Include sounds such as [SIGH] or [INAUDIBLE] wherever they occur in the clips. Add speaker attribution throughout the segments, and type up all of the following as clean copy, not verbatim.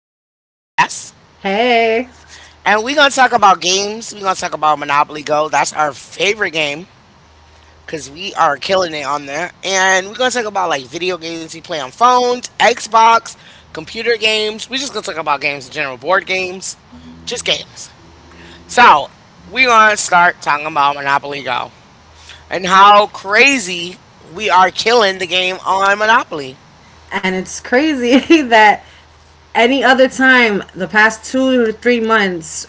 Speaker 1: my co host, Jess.
Speaker 2: Hey.
Speaker 1: And we're going to talk about games. We're going to talk about Monopoly Go. That's our favorite game because we are killing it on there. And we're going to talk about like video games we play on phones, Xbox, computer games. We're just going to talk about games in general, board games, just games. So, we're going to start talking about Monopoly Go and how crazy we are killing the game on Monopoly.
Speaker 2: And it's crazy [LAUGHS] that any other time, the past 2 or 3 months,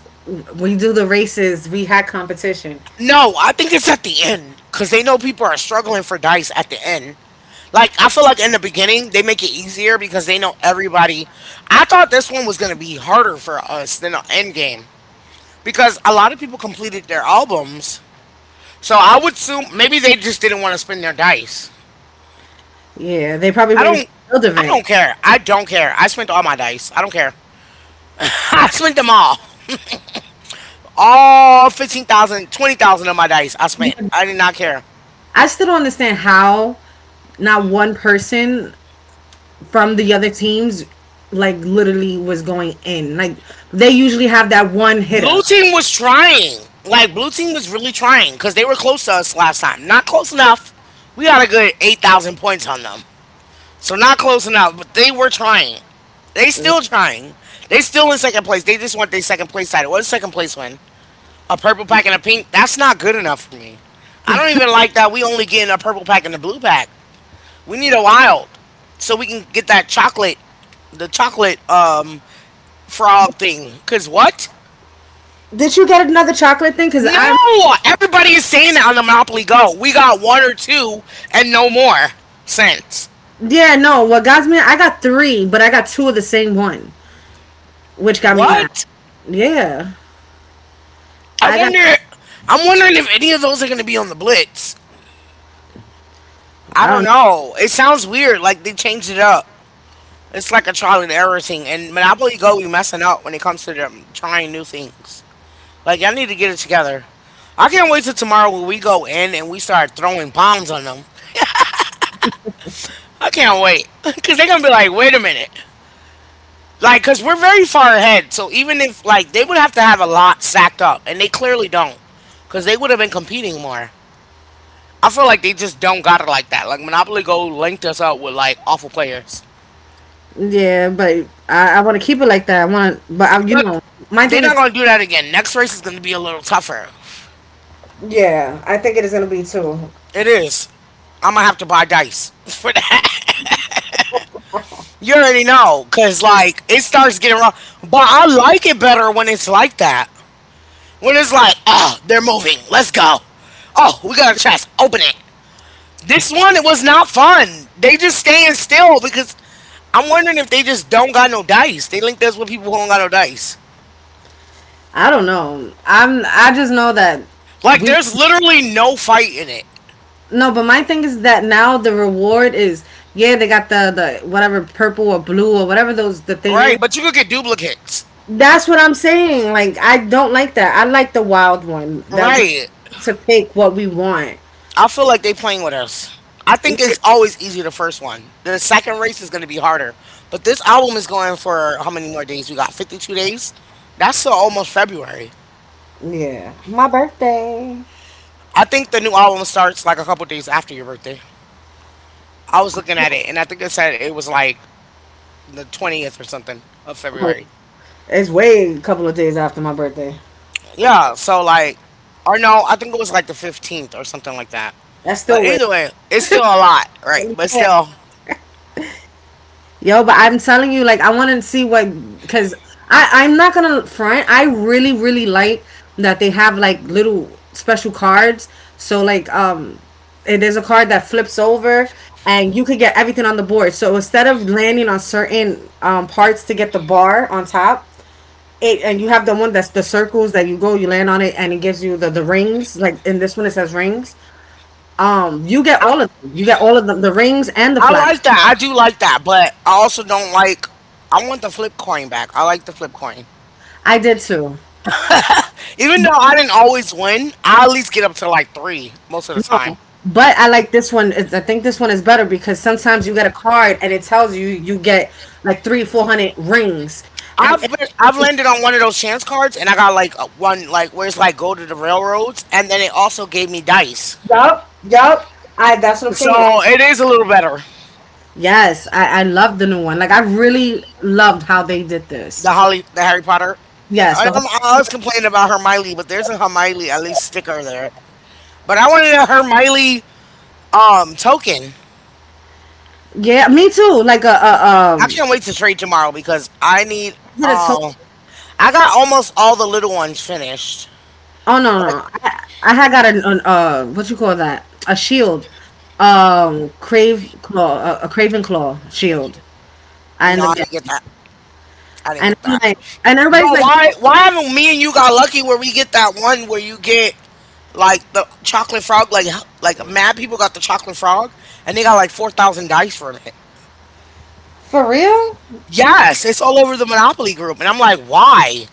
Speaker 2: we do the races, we had competition.
Speaker 1: No, I think it's at the end because they know people are struggling for dice at the end. Like I feel like in the beginning they make it easier because they know everybody. I thought this one was gonna be harder for us than the end game because a lot of people completed their albums. So I would assume maybe they just didn't want to spend their dice.
Speaker 2: Yeah, they probably
Speaker 1: I don't.
Speaker 2: waited for the field
Speaker 1: I don't
Speaker 2: event.
Speaker 1: care. I don't care. I spent all my dice. I don't care. [LAUGHS] I spent them all. All 15,000, 20,000 of my dice I spent.
Speaker 2: Because
Speaker 1: I did not care.
Speaker 2: I still don't understand how not one person from the other teams like literally was going in. Like they usually have that one
Speaker 1: Blue
Speaker 2: hitter.
Speaker 1: team was trying. Like blue team was really trying because they were close to us last time. Not close enough. We got a good 8,000 points on them, so not close enough. But they were trying. They still trying. They still in second place. They just want their second place title. What's second place win? A purple pack and a pink. That's not good enough for me. I don't even like that. We only getting a purple pack and a blue pack. We need a wild so we can get that chocolate, the chocolate frog thing. Cause what?
Speaker 2: Did you get another chocolate thing? Cause I'm
Speaker 1: No, everybody is saying that on the Monopoly Go. We got one or two and no more since.
Speaker 2: yeah no. What got me? I got three, but I got two of the same one, which got me
Speaker 1: What?
Speaker 2: mad. Yeah.
Speaker 1: I
Speaker 2: I got.
Speaker 1: wonder. I'm wondering if any of those are going to be on the Blitz. I
Speaker 2: I
Speaker 1: don't
Speaker 2: don't.
Speaker 1: know. It sounds weird. Like they changed it up. It's like a trial and error thing. And Monopoly Go, we messing up when it comes to them trying new things. Like y'all need to get it together. I can't wait till tomorrow when we go in and we start throwing bombs on them. I can't wait [LAUGHS] because they're gonna be like, "Wait a minute." Like, because we're very far ahead. So even if, like, they would have to have a lot stacked up, and they clearly don't, because they would have been competing more. I feel like they just don't got it like that. Like, Monopoly Go linked us up with, like, awful players.
Speaker 2: Yeah, but I want to keep it like that. I want to, but I, you
Speaker 1: But
Speaker 2: know, my
Speaker 1: they're
Speaker 2: thing
Speaker 1: not
Speaker 2: is.
Speaker 1: going to do that again. Next race is going to be a little tougher.
Speaker 2: Yeah, I think it is gonna be too.
Speaker 1: It is. I'm going to have to buy dice [LAUGHS] for that. You already know, because, like, it starts getting wrong. But I like it better when it's like that. When it's like, oh, they're moving. Let's go. Oh, we got a chest. Open it. This one it was not fun. They just staying still because I'm wondering if they just don't got no dice. They link this with people who don't got no dice.
Speaker 2: I don't know. I'm. I just know that
Speaker 1: Like
Speaker 2: we.
Speaker 1: there's literally no fight in it.
Speaker 2: No, but my thing is that now the reward is, yeah, they got the whatever purple or blue or whatever those the thing
Speaker 1: Right,
Speaker 2: is.
Speaker 1: but you could get duplicates.
Speaker 2: That's what I'm saying. Like I don't like that. I like the wild one that we
Speaker 1: Right.
Speaker 2: get to pick what we want.
Speaker 1: I feel like they playing with us. I think it's always easy the first one. The second race is gonna be harder. But this album is going for how many more days? We got 52 days? That's still almost February.
Speaker 2: Yeah, my birthday.
Speaker 1: I think the new album starts like a couple days after your birthday. I was looking at it and I think it said it was like the 20th or something of February.
Speaker 2: It's way a couple of days after my birthday.
Speaker 1: Yeah, so like, or no, I think it was like the 15th or something like that.
Speaker 2: That's still
Speaker 1: But
Speaker 2: way.
Speaker 1: either way, it's still a lot, right? But still,
Speaker 2: Yo, but I'm telling you, like, I want to see what, because I'm not gonna front. I really like that they have like little special cards. So like there's a card that flips over, and you could get everything on the board. So instead of landing on certain parts to get the bar on top, it and you have the one that's the circles that you go, you land on it, and it gives you the rings. Like in this one, it says rings. You get
Speaker 1: I,
Speaker 2: all of them. You get all of them, the rings and the
Speaker 1: I
Speaker 2: flag.
Speaker 1: like that. I do like that, but I also don't like, I want the flip coin back. I like the flip coin.
Speaker 2: I did too.
Speaker 1: Even though I didn't always win, I at least get up to like three most of the time.
Speaker 2: But I like this one. It's- I think this one is better because sometimes you get a card and it tells you you get like three, 400 rings. And
Speaker 1: I've
Speaker 2: it,
Speaker 1: been, I've landed on one of those chance cards, and I got like a- one like where it's like go to the railroads, and then it also gave me dice.
Speaker 2: yup. I that's what I'm saying.
Speaker 1: So it is a little better.
Speaker 2: Yes, I love the new one. Like I really loved how they did this.
Speaker 1: The Holly, the Harry Potter.
Speaker 2: Yes,
Speaker 1: I,
Speaker 2: the whole,
Speaker 1: I always complain about Hermione, but there's a Hermione at least sticker there. But I wanted a Hermione token.
Speaker 2: yeah, me too. Like a
Speaker 1: I
Speaker 2: um,
Speaker 1: can't wait to trade tomorrow because I need
Speaker 2: is it a to-
Speaker 1: um I got almost all the little ones finished.
Speaker 2: oh no
Speaker 1: Like
Speaker 2: no, I had got an what you call that, a shield, crave claw a craven claw shield. I
Speaker 1: no,
Speaker 2: end
Speaker 1: I
Speaker 2: up
Speaker 1: didn't
Speaker 2: getting,
Speaker 1: get that. I didn't
Speaker 2: and
Speaker 1: get
Speaker 2: I'm
Speaker 1: that.
Speaker 2: like, and everybody's
Speaker 1: But
Speaker 2: like.
Speaker 1: why haven't me and you got lucky where we get that one where you get like the chocolate frog like mad people got the chocolate frog and they got like 4000 dice from it.
Speaker 2: For real?
Speaker 1: Yes, it's all over the Monopoly group. And I'm like, why?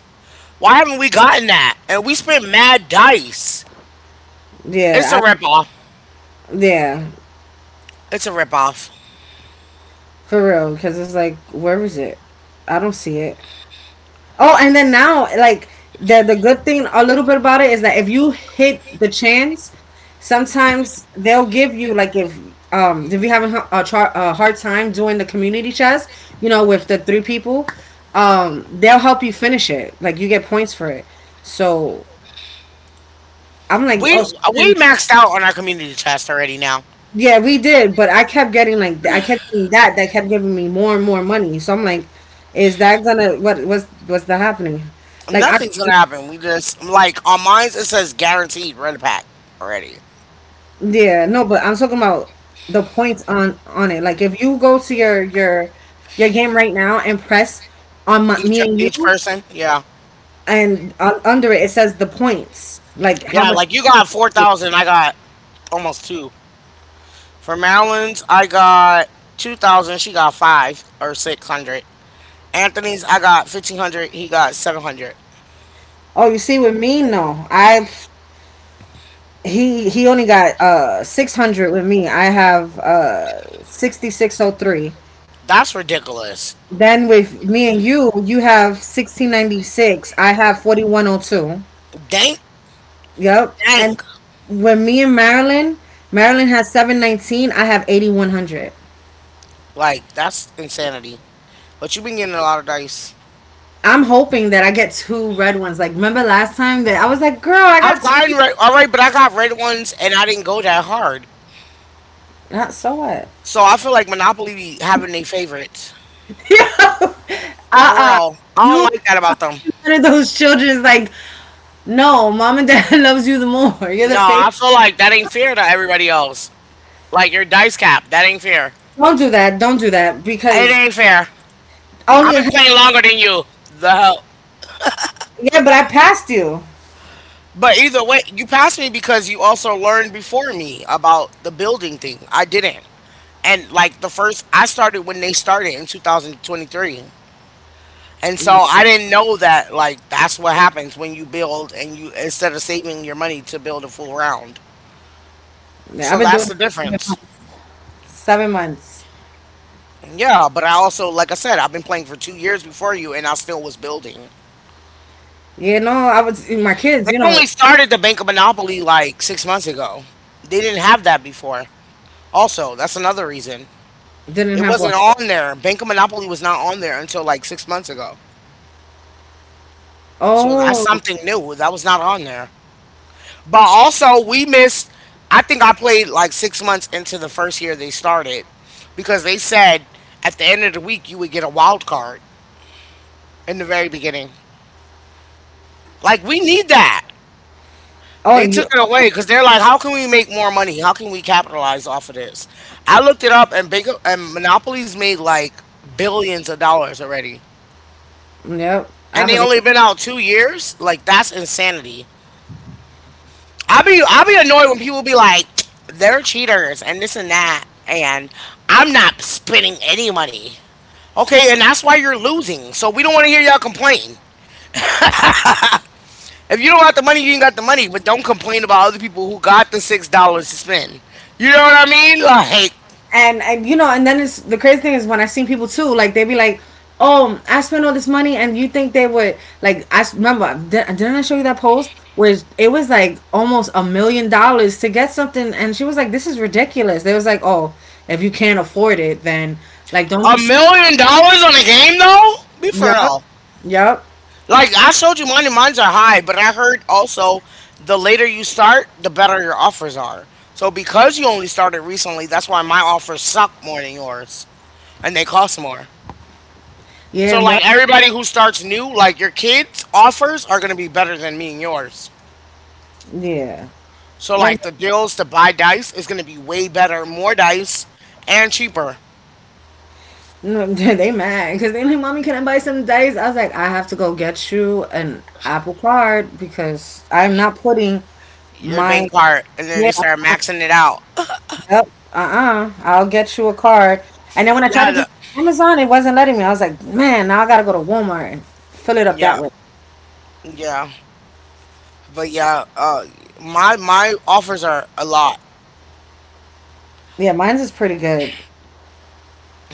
Speaker 1: Why haven't we gotten that? And we spent mad dice. It's a
Speaker 2: Yeah, I,
Speaker 1: ripoff.
Speaker 2: yeah,
Speaker 1: It's a ripoff.
Speaker 2: for real. Because it's like, where is it? I don't see it. Oh, and then now, like the good thing, a little bit about it is that if you hit the chance, sometimes they'll give you like if you're having a, char- a hard time doing the community chest, you know, with the three people, they'll help you finish it. Like you get points for it. So I'm like,
Speaker 1: We
Speaker 2: oh, so
Speaker 1: we maxed out on our community chest already now.
Speaker 2: yeah, we did, but I kept getting like I kept getting that kept giving me more and more money. So I'm like, is that gonna what was that happening? Like I,
Speaker 1: Nothing's gonna happen. We just like on mine it says guaranteed rent a pack already.
Speaker 2: yeah no, but I'm talking about the points on it. Like if you go to your your game right now and press on my,
Speaker 1: Each
Speaker 2: me and
Speaker 1: each
Speaker 2: you,
Speaker 1: person. Yeah.
Speaker 2: and under it it says the points like how
Speaker 1: Yeah,
Speaker 2: much.
Speaker 1: like you got 4,000, I got almost two. For Maryland's I got 2,000, she got 5 or 600. Anthony's I got 1,500, he got 700.
Speaker 2: Oh, you see with me no, I he only got 600 with me. I have 6603.
Speaker 1: That's ridiculous.
Speaker 2: Then with me and you have 1696. I have 41 oh two.
Speaker 1: Dang,
Speaker 2: Yep. And
Speaker 1: dang.
Speaker 2: when me and Marilyn, Marilyn has 719. I have 8100.
Speaker 1: Like, that's insanity. But you've been getting a lot of dice.
Speaker 2: I'm hoping that I get two red ones. Like remember last time that I was like, girl, I got
Speaker 1: I've
Speaker 2: s-
Speaker 1: gotten red, all right, but I got red ones and I didn't go that hard.
Speaker 2: not so what.
Speaker 1: So I feel like Monopoly be having their favorites.
Speaker 2: [LAUGHS] uh
Speaker 1: For
Speaker 2: uh
Speaker 1: real. I don't
Speaker 2: you
Speaker 1: like that about them.
Speaker 2: one of those children's like, no, mom and dad [LAUGHS] loves you the more. You're the
Speaker 1: No,
Speaker 2: favorite.
Speaker 1: I feel like that ain't fair to everybody else. Like, your dice cap, that ain't fair.
Speaker 2: Don't do that. Don't do that
Speaker 1: It
Speaker 2: because
Speaker 1: ain't fair.
Speaker 2: only
Speaker 1: I've been
Speaker 2: yeah.
Speaker 1: playing longer than you. The hell.
Speaker 2: But I passed you.
Speaker 1: But either way, you passed me because you also learned before me about the building thing. I didn't. And like the first, I started when they started in 2023. And so I didn't know that like that's what happens when you build and you instead of saving your money to build a full round.
Speaker 2: Yeah,
Speaker 1: So
Speaker 2: I've been
Speaker 1: that's
Speaker 2: doing.
Speaker 1: the difference.
Speaker 2: 7 months.
Speaker 1: Yeah, but I also like I said, I've been playing for 2 years before you and I still was building.
Speaker 2: Yeah, no, I was my kids.
Speaker 1: They
Speaker 2: You know,
Speaker 1: only started the Bank of Monopoly like 6 months ago. They didn't have that before. Also, that's another reason.
Speaker 2: didn't
Speaker 1: It
Speaker 2: have one.
Speaker 1: wasn't on there. Bank of Monopoly was not on there until like 6 months ago. So that's
Speaker 2: Oh,
Speaker 1: something new. That was not on there. But also, we missed. I think I played like 6 months into the first year they started because they said at the end of the week you would get a wild card in the very beginning. Like, we need that.
Speaker 2: oh,
Speaker 1: They
Speaker 2: you.
Speaker 1: took it
Speaker 2: Oh,
Speaker 1: away because they're like, how can we make more money? How can we capitalize off of this? I looked it up and big and Monopoly's made like billions of dollars already.
Speaker 2: yep, I
Speaker 1: And they
Speaker 2: believe.
Speaker 1: only been out 2 years? Like that's insanity. I'll be annoyed when people be like, they're cheaters and this and that, and I'm not spending any money. Okay, and that's why you're losing. So we don't want to hear y'all complain. If you don't got the money, you ain't got the money. But don't complain about other people who got the $6 to spend. You know what I mean? Like
Speaker 2: And you know, and then it's the crazy thing is when I seen people too, like they be like, "Oh, I spent all this money," and you think they would like? I s- remember, di- didn't I show you that post? Where it was like almost $1 million to get something, and she was like, "This is ridiculous." They was like, "Oh, if you can't afford it, then like don't be."
Speaker 1: a
Speaker 2: s-
Speaker 1: million dollars on a game though? Be for
Speaker 2: Yup,
Speaker 1: real.
Speaker 2: yup.
Speaker 1: Like I showed you mine and mine's are high, but I heard also the later you start, the better your offers are. So because you only started recently, that's why my offers suck more than yours and they cost more.
Speaker 2: Yeah,
Speaker 1: So
Speaker 2: and what?
Speaker 1: like everybody who starts new, like your kids' offers are gonna be better than me and yours.
Speaker 2: Yeah.
Speaker 1: So
Speaker 2: Then
Speaker 1: like the deals to buy dice is gonna be way better, more dice and cheaper.
Speaker 2: no, [LAUGHS] yeah, they mad because they like, mommy, can I buy some dice? I was like, I have to go get you an Apple Card because I'm not putting
Speaker 1: Your bank
Speaker 2: my,
Speaker 1: card, and then
Speaker 2: yeah.
Speaker 1: they start maxing it out.
Speaker 2: Yep. Uh uh I will get you a card. And then when I
Speaker 1: Yeah,
Speaker 2: tried to do
Speaker 1: the,
Speaker 2: Amazon, it wasn't letting me. I was like, man, now I gotta go to Walmart and fill it up that
Speaker 1: yeah,
Speaker 2: way.
Speaker 1: yeah. But yeah, my offers are a lot.
Speaker 2: Yeah, mine's is pretty good.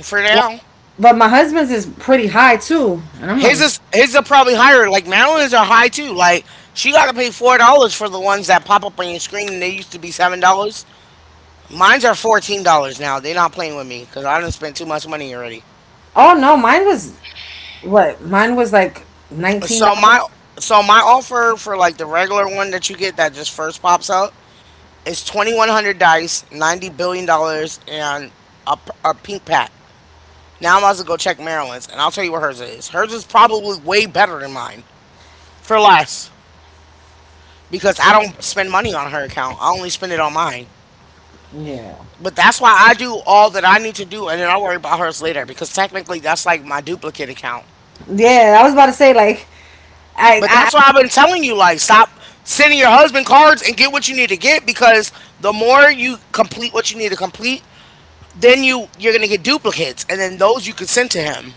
Speaker 1: For
Speaker 2: Like,
Speaker 1: now.
Speaker 2: but my husband's is pretty high too. And I'm
Speaker 1: His
Speaker 2: like,
Speaker 1: is his are probably higher. Like Maryland's are high too. Like she got to pay $4 for the ones that pop up on your screen, and they used to be $7. Mine's are $14 now. They're not playing with me because I didn't spend too much money already.
Speaker 2: oh no, mine was what? Mine was like nineteen
Speaker 1: So
Speaker 2: dollars.
Speaker 1: my so my offer for like the regular one that you get that just first pops up is 2,100 dice, $90 billion, and a, p- a pink pack. Now I'm about to go check Maryland's, and I'll tell you what hers is. Hers is probably way better than mine for less. Because I don't spend money on her account. I only spend it on mine.
Speaker 2: Yeah.
Speaker 1: But that's why I do all that I need to do, and then I'll worry about hers later because technically that's like my duplicate account.
Speaker 2: Yeah, I was about to say like I
Speaker 1: But that's why
Speaker 2: I
Speaker 1: I've been telling you, like, stop sending your husband cards and get what you need to get, because the more you complete what you need to complete, then you're gonna get duplicates, and then those you can send to him.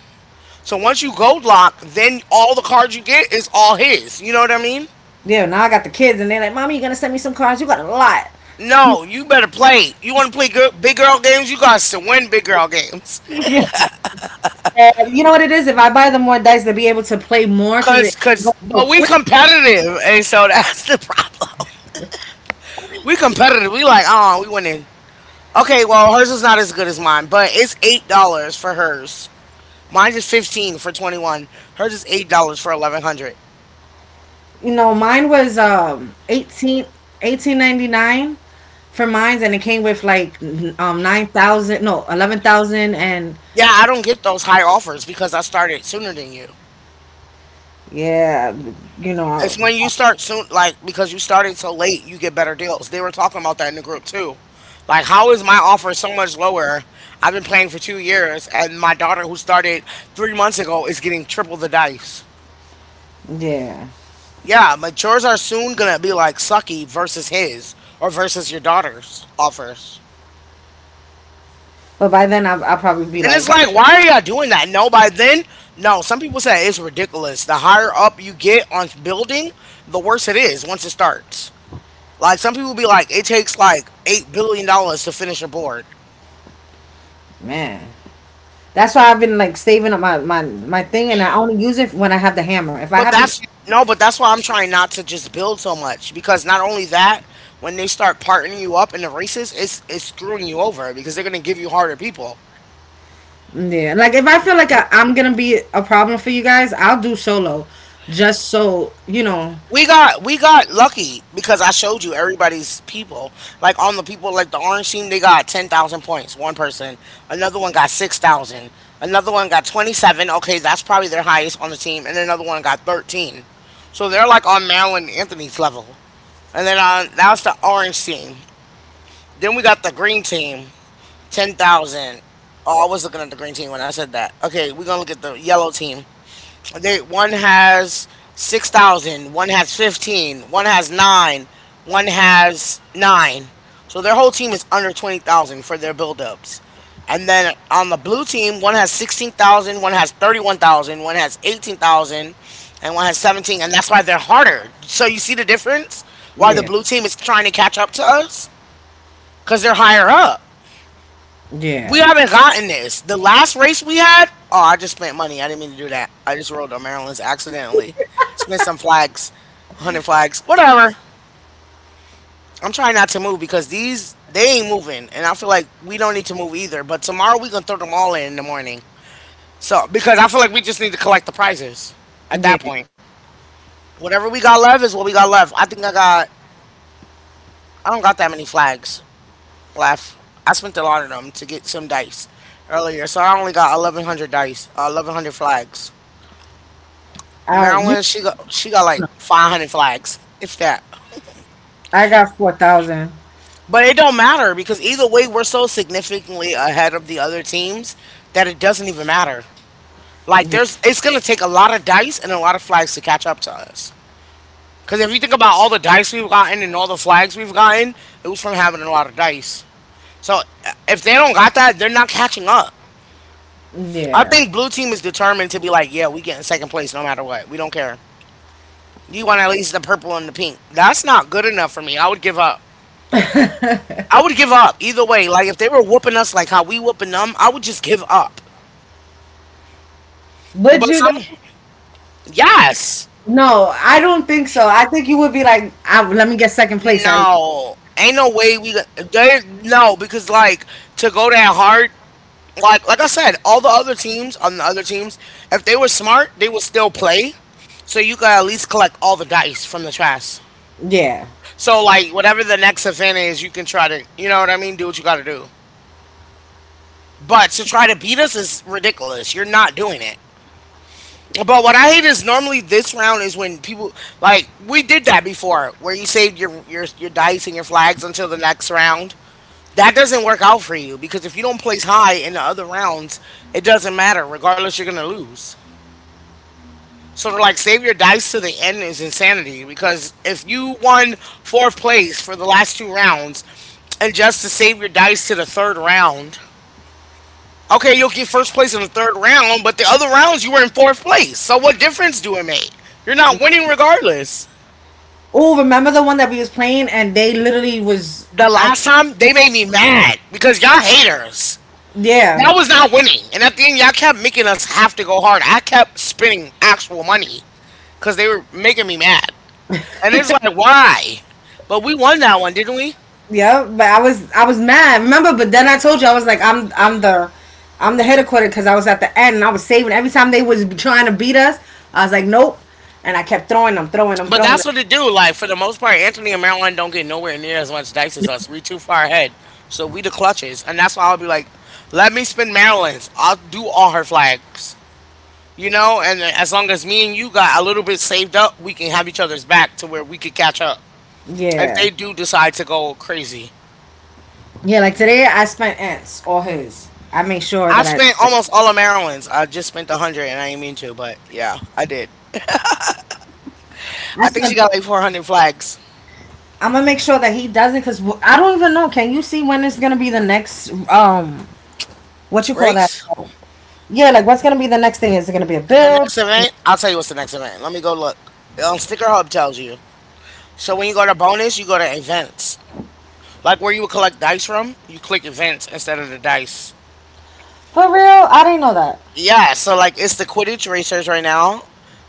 Speaker 1: So once you gold lock, then all the cards you get is all his. You know what I mean?
Speaker 2: Yeah, now I got the kids, and they're like, "Mommy, you gonna send me some cards? You got a lot."
Speaker 1: No, you better play. You want to play girl, big girl games? You got to win big girl games.
Speaker 2: Yeah. And you know what it is? If I buy them more dice, to be able to play more because it
Speaker 1: Cause,
Speaker 2: goes so
Speaker 1: but we
Speaker 2: quick.
Speaker 1: competitive, and so that's the problem. We competitive. We like, oh, we winning. Okay, well, hers is not as good as mine, but it's $8 for hers. Mine is 15 for 21. Hers is $8 for 1,100.
Speaker 2: You know, mine was 18 18.99 for mines, and it came with like n- 9,000, no 11,000, and
Speaker 1: Yeah, I don't get those high offers because I started sooner than you.
Speaker 2: yeah, you know, I
Speaker 1: It's when you
Speaker 2: was,
Speaker 1: start soon, like because you started so late, you get better deals. They were talking about that in the group too. Like, how is my offer so much lower? I've been playing for 2 years, and my daughter, who started 3 months ago, is getting triple the dice.
Speaker 2: yeah.
Speaker 1: Yeah, but yours are soon gonna be like sucky versus his or versus your daughter's offers.
Speaker 2: But by then, I'll probably be
Speaker 1: And it's
Speaker 2: like,
Speaker 1: like, why are y'all doing that? No, by then, no. Some people say it's ridiculous. The higher up you get on building, the worse it is once it starts. Like some people be like, it takes like $8 billion to finish a board.
Speaker 2: man. That's why I've been like saving up my thing, and I only use it when I have the hammer. If I
Speaker 1: But
Speaker 2: have the,
Speaker 1: that's no, but that's why I'm trying not to just build so much, because not only that, when they start partnering you up in the races, it's screwing you over because they're gonna give you harder people.
Speaker 2: yeah, like if I feel like I'm gonna be a problem for you guys, I'll do solo, just so you know.
Speaker 1: We got lucky because I showed you everybody's people. Like on the people, like the orange team, they got 10,000 points. One person, another one got 6,000, another one got 27. Okay, that's probably their highest on the team, and another one got 13. So they're like on Marilyn Anthony's level. And then on that the orange team. Then we got the green team, 10,000. Oh, I was looking at the green team when I said that. Okay, we're gonna look at the yellow team. They one has 6,000, one has 15, one has nine, one has nine. So their whole team is under 20,000 for their buildups. And then on the blue team, one has 16,000, one has 31,000, one has eighteen thousand, and one has 17. And that's why they're harder. So you see the difference? Why the
Speaker 2: Yeah,
Speaker 1: blue team is trying to catch up to us? Because they're higher up. We
Speaker 2: yeah,
Speaker 1: haven't gotten this. The last race we had, oh, I just spent money. I didn't mean to do that. I just rolled on Maryland's accidentally. Spent some flags, 100 flags, whatever. I'm trying not to move because these, they ain't moving. And I feel like we don't need to move either. But tomorrow we going to throw them all in the morning. So, because I feel like we just need to collect the prizes at that
Speaker 2: yeah.
Speaker 1: point. Whatever we got left is what we got left. I don't got that many flags left. I spent a lot of them to get some dice earlier. So I only got 1,100 dice, 1,100 flags.
Speaker 2: I you
Speaker 1: Maryland, she got like
Speaker 2: know,
Speaker 1: 500 flags, if that.
Speaker 2: I got 4,000.
Speaker 1: But it don't matter because either way, we're so significantly ahead of the other teams that it doesn't even matter.
Speaker 2: Yeah,
Speaker 1: It's gonna take a lot of dice and a lot of flags to catch up to us. Because if you think about all the dice we've gotten and all the flags we've gotten, it was from having a lot of dice. So if they don't got that, they're not catching up. I
Speaker 2: yeah.
Speaker 1: think blue team is determined to be like, yeah, we get in second place no matter what. We don't care. You want at least the purple and the pink. That's not good enough for me. I would give up. I would give up either way. Like if they were whooping us like how we whooping them, I would just give up.
Speaker 2: Would
Speaker 1: But if
Speaker 2: you though?
Speaker 1: I'm yes,
Speaker 2: No, I don't think so. I think you would be like, I, let me get second place at least.
Speaker 1: no, ain't no way we they no because like to go that hard. Like I said, all the other teams on the other teams, if they were smart, they would still play. So you could at least collect all the dice from the trash.
Speaker 2: Yeah.
Speaker 1: So like whatever the next event is, you can try to you know what I mean. Do what you got to do. But to try to beat us is ridiculous. You're not doing it. But what I hate is normally this round is when people like we did that before, where you saved your dice and your flags until the next round. That doesn't work out for you because if you don't place high in the other rounds, it doesn't matter. Regardless, you're gonna lose. So to like save your dice to the end is insanity because if you won fourth place for the last two rounds, and just to save your dice to the third round. Okay, you'll get first place in the third round, but the other rounds you were in fourth place. So what difference do it make? You're not winning regardless.
Speaker 2: Oh, remember the one that we was playing and they literally was
Speaker 1: The
Speaker 2: I
Speaker 1: last time they made me mad because y'all haters.
Speaker 2: yeah.
Speaker 1: Y'all was not winning, and at the end y'all kept making us have to go hard. I kept spending actual money because they were making me mad, and it's like why? But we won that one, didn't we?
Speaker 2: Yeah, but I was mad. Remember, but then I told you I was like I'm the I'm the headquarter because I was at the end and I was saving every time they was trying to beat us. I was like nope, and I kept throwing them, throwing them,
Speaker 1: But
Speaker 2: throwing
Speaker 1: that's
Speaker 2: them.
Speaker 1: what it do. Like for the most part, Anthony and Maryland don't get nowhere near as much dice as us. We too far ahead, so we the clutches, and that's why I'll be like, let me spin Maryland's. I'll do all her flags, you know. And as long as me and you got a little bit saved up, we can have each other's back to where we could catch up if
Speaker 2: Yeah,
Speaker 1: they do decide to go crazy.
Speaker 2: yeah. Like today, I spent ants all his. I make sure
Speaker 1: I
Speaker 2: that I.
Speaker 1: spent almost all of Maryland's. I just spent a hundred, and I didn't mean to, but yeah, I did.
Speaker 2: I
Speaker 1: I think she
Speaker 2: spent.
Speaker 1: got like 400 flags.
Speaker 2: I'm gonna make sure that he doesn't because I don't even know. Can you see when it's gonna be the next what you call
Speaker 1: Rafe?
Speaker 2: that? Yeah, like what's gonna be the next thing? Is it gonna be a
Speaker 1: The
Speaker 2: build?
Speaker 1: next event, I'll tell you what's the next event. Let me go look. Sticker Hub tells you. So when you go to bonus, you go to events. Like where you would collect dice from, you click events instead of the dice.
Speaker 2: For real? I didn't know that.
Speaker 1: Yeah, so like it's the Quidditch Racers right now.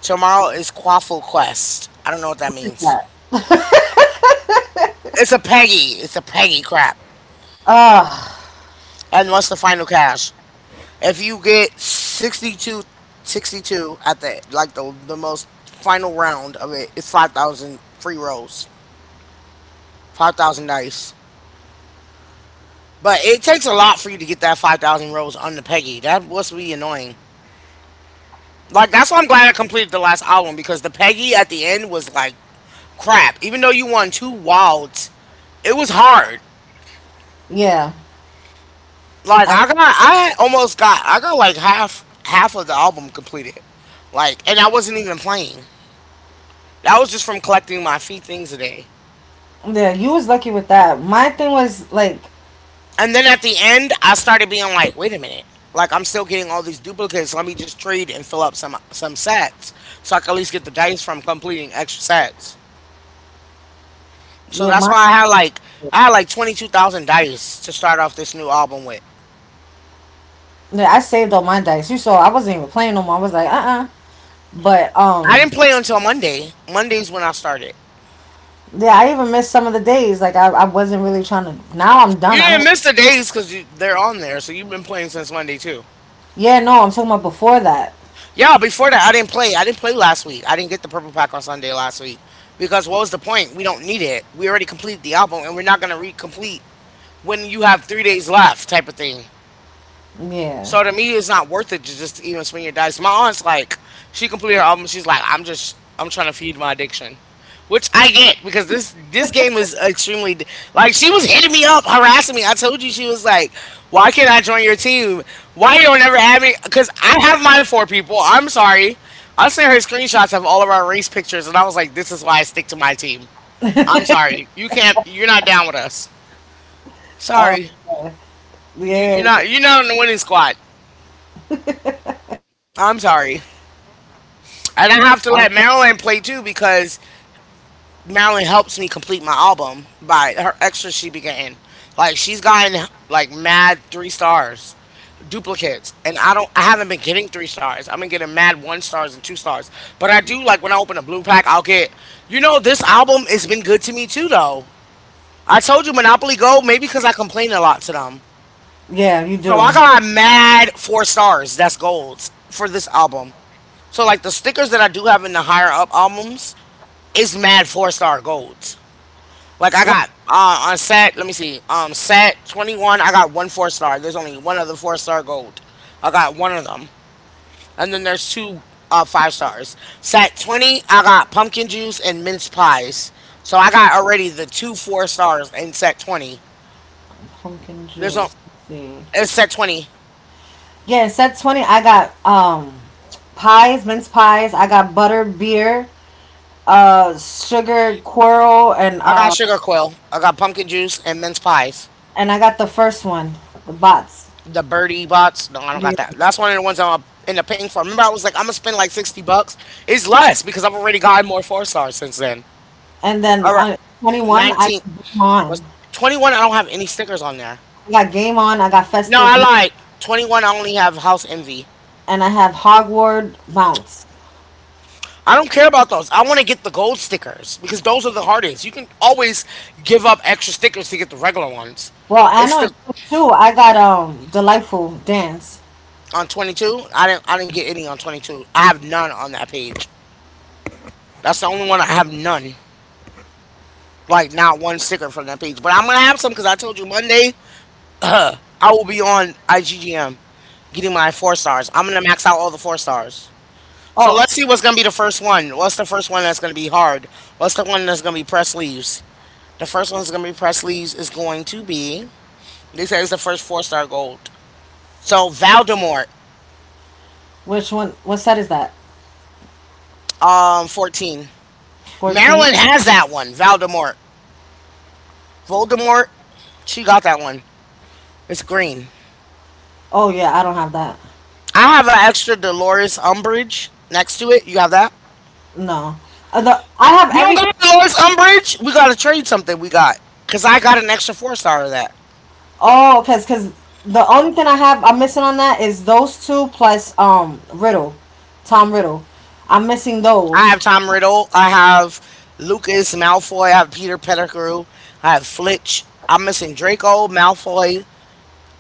Speaker 1: Tomorrow is Quaffle Quest. I don't know what that means.
Speaker 2: That
Speaker 1: It's a Peggy. It's a Peggy crap.
Speaker 2: ah
Speaker 1: And what's the final cash? If you get sixty-two at the like the most final round of it, it's 5,000 free rolls, 5,000 dice. But it takes a lot for you to get that 5,000 rows on the Peggy. That was really annoying. Like, that's why I'm glad I completed the last album because the Peggy at the end was like crap. Even though you won two wilds, it was hard.
Speaker 2: yeah.
Speaker 1: Like,
Speaker 2: I,
Speaker 1: I got, I almost got, I got like half of the album completed. Like, and I wasn't even playing. That was just from collecting my free things a day.
Speaker 2: yeah, you was lucky with that. My thing was like,
Speaker 1: And then at the end, I started being like, wait a minute. Like I'm still getting all these duplicates. Let me just trade and fill up some sets so I can at least get the dice from completing extra sets. So
Speaker 2: yeah,
Speaker 1: that's
Speaker 2: my,
Speaker 1: why I had like 22,000 dice to start off this new album with.
Speaker 2: yeah, I saved all my dice. You saw I wasn't even playing no more. I was like, but
Speaker 1: I didn't play until Monday. Monday's when I started.
Speaker 2: yeah, I even missed some of the days. Like I wasn't really trying to now I'm
Speaker 1: You
Speaker 2: done. I
Speaker 1: didn't
Speaker 2: don't,
Speaker 1: miss the days because they're on there, so you've been playing since Monday too.
Speaker 2: yeah, no, I'm talking about before that.
Speaker 1: Yeah, before that I didn't play. I didn't play last week. I didn't get the purple pack on Sunday last week because what was the point? We don't need it. We already completed the album, and we're not gonna re-complete when you have 3 days left type of thing.
Speaker 2: Yeah.
Speaker 1: So to me, it's not worth it to just even swing your dice. My aunt's like, she completed her album. She's like, I'm trying to feed my addiction, which I get because this game is extremely like she was hitting me up, harassing me. I told you she was like, why can't I join your team? Why you don't ever add me? Because I have my four people. I'm sorry. I sent her screenshots of all of our race pictures, and I was like, this is why I stick to my team. I'm sorry. You can't. You're not down with us.
Speaker 2: Oh
Speaker 1: Sorry. You you're
Speaker 2: yeah.
Speaker 1: not you're not on the winning squad. I'm sorry. And I have
Speaker 2: I,
Speaker 1: to let Marilyn play too because Marilyn helps me complete my album by her extra she be getting. Like she's gotten like mad three stars, duplicates, and I don't. I haven't been getting three stars. I've been getting mad one stars and two stars. But I do like when I open a blue pack, I'll get. This album has been good to me too, though. I told you Monopoly Gold, maybe because I complain a lot to them.
Speaker 2: yeah, you
Speaker 1: So
Speaker 2: do.
Speaker 1: I got mad four stars. That's golds for this album. So like the stickers that I do have in the higher up albums is mad four-star golds. Like I got on set, let me see, set 21, I got one four star. There's only one other four-star gold. I got one of them, and then there's two five stars. Set 20, I got pumpkin juice and mince pies. So I got already the two four stars in set 20.
Speaker 2: Pumpkin
Speaker 1: There's no
Speaker 2: juice. Let's see.
Speaker 1: it's set 20.
Speaker 2: Yeah, set 20 I got pies, mince pies, I got butter, beer, sugar, quirl
Speaker 1: I got sugar quill. I got pumpkin juice and mince pies.
Speaker 2: and I got the first one, the bots.
Speaker 1: The birdie bots. No, I don't got that. That's one of the ones I'm in the paying for. Remember, I was like, I'm gonna spend like $60. It's less because I've already gotten more four stars since then.
Speaker 2: And then
Speaker 1: All right,
Speaker 2: on 21, I
Speaker 1: 19
Speaker 2: got Game on.
Speaker 1: was 21. I don't have any stickers on there.
Speaker 2: I got Game On, I got
Speaker 1: No,
Speaker 2: Festive,
Speaker 1: I
Speaker 2: Mou-
Speaker 1: lied. 21. I only have House Envy.
Speaker 2: and I have Hogward Mounts.
Speaker 1: I don't care about those. I want to get the gold stickers because those are the hardest. You can always give up extra stickers to get the regular ones.
Speaker 2: Well, I
Speaker 1: It's
Speaker 2: know
Speaker 1: the
Speaker 2: it's two. I got Delightful Dance.
Speaker 1: on 22. I didn't. I didn't get any on 22. I have none on that page. That's the only one I have none. Like not one sticker from that page. But I'm gonna have some because I told you Monday I will be on IGGM getting my four stars. I'm gonna max out all the four stars. So
Speaker 2: Oh,
Speaker 1: let's see what's gonna be the first one. What's the first one that's gonna be hard? What's the one that's gonna be press leaves? The first one that's gonna be press leaves is going to be. They said it's the first four-star gold. So Voldemort,
Speaker 2: which one? What set is that?
Speaker 1: 14.
Speaker 2: 14?
Speaker 1: Marilyn has that one. Voldemort. Voldemort. She got that one. It's green.
Speaker 2: Oh, yeah, I don't have that.
Speaker 1: I have an extra Dolores Umbridge next to it. You have that?
Speaker 2: No. The I have
Speaker 1: You don't
Speaker 2: everything.
Speaker 1: got hours, Umbridge. We gotta trade something. We got because I got an extra four star of that.
Speaker 2: Oh, because cause the only thing I have, I'm missing on that is those two plus Riddle, Tom Riddle. I'm missing
Speaker 1: I
Speaker 2: those.
Speaker 1: have Tom Riddle. I have Lucas Malfoy. I have Peter Pettigrew. I have Flitch. I'm missing Draco Malfoy,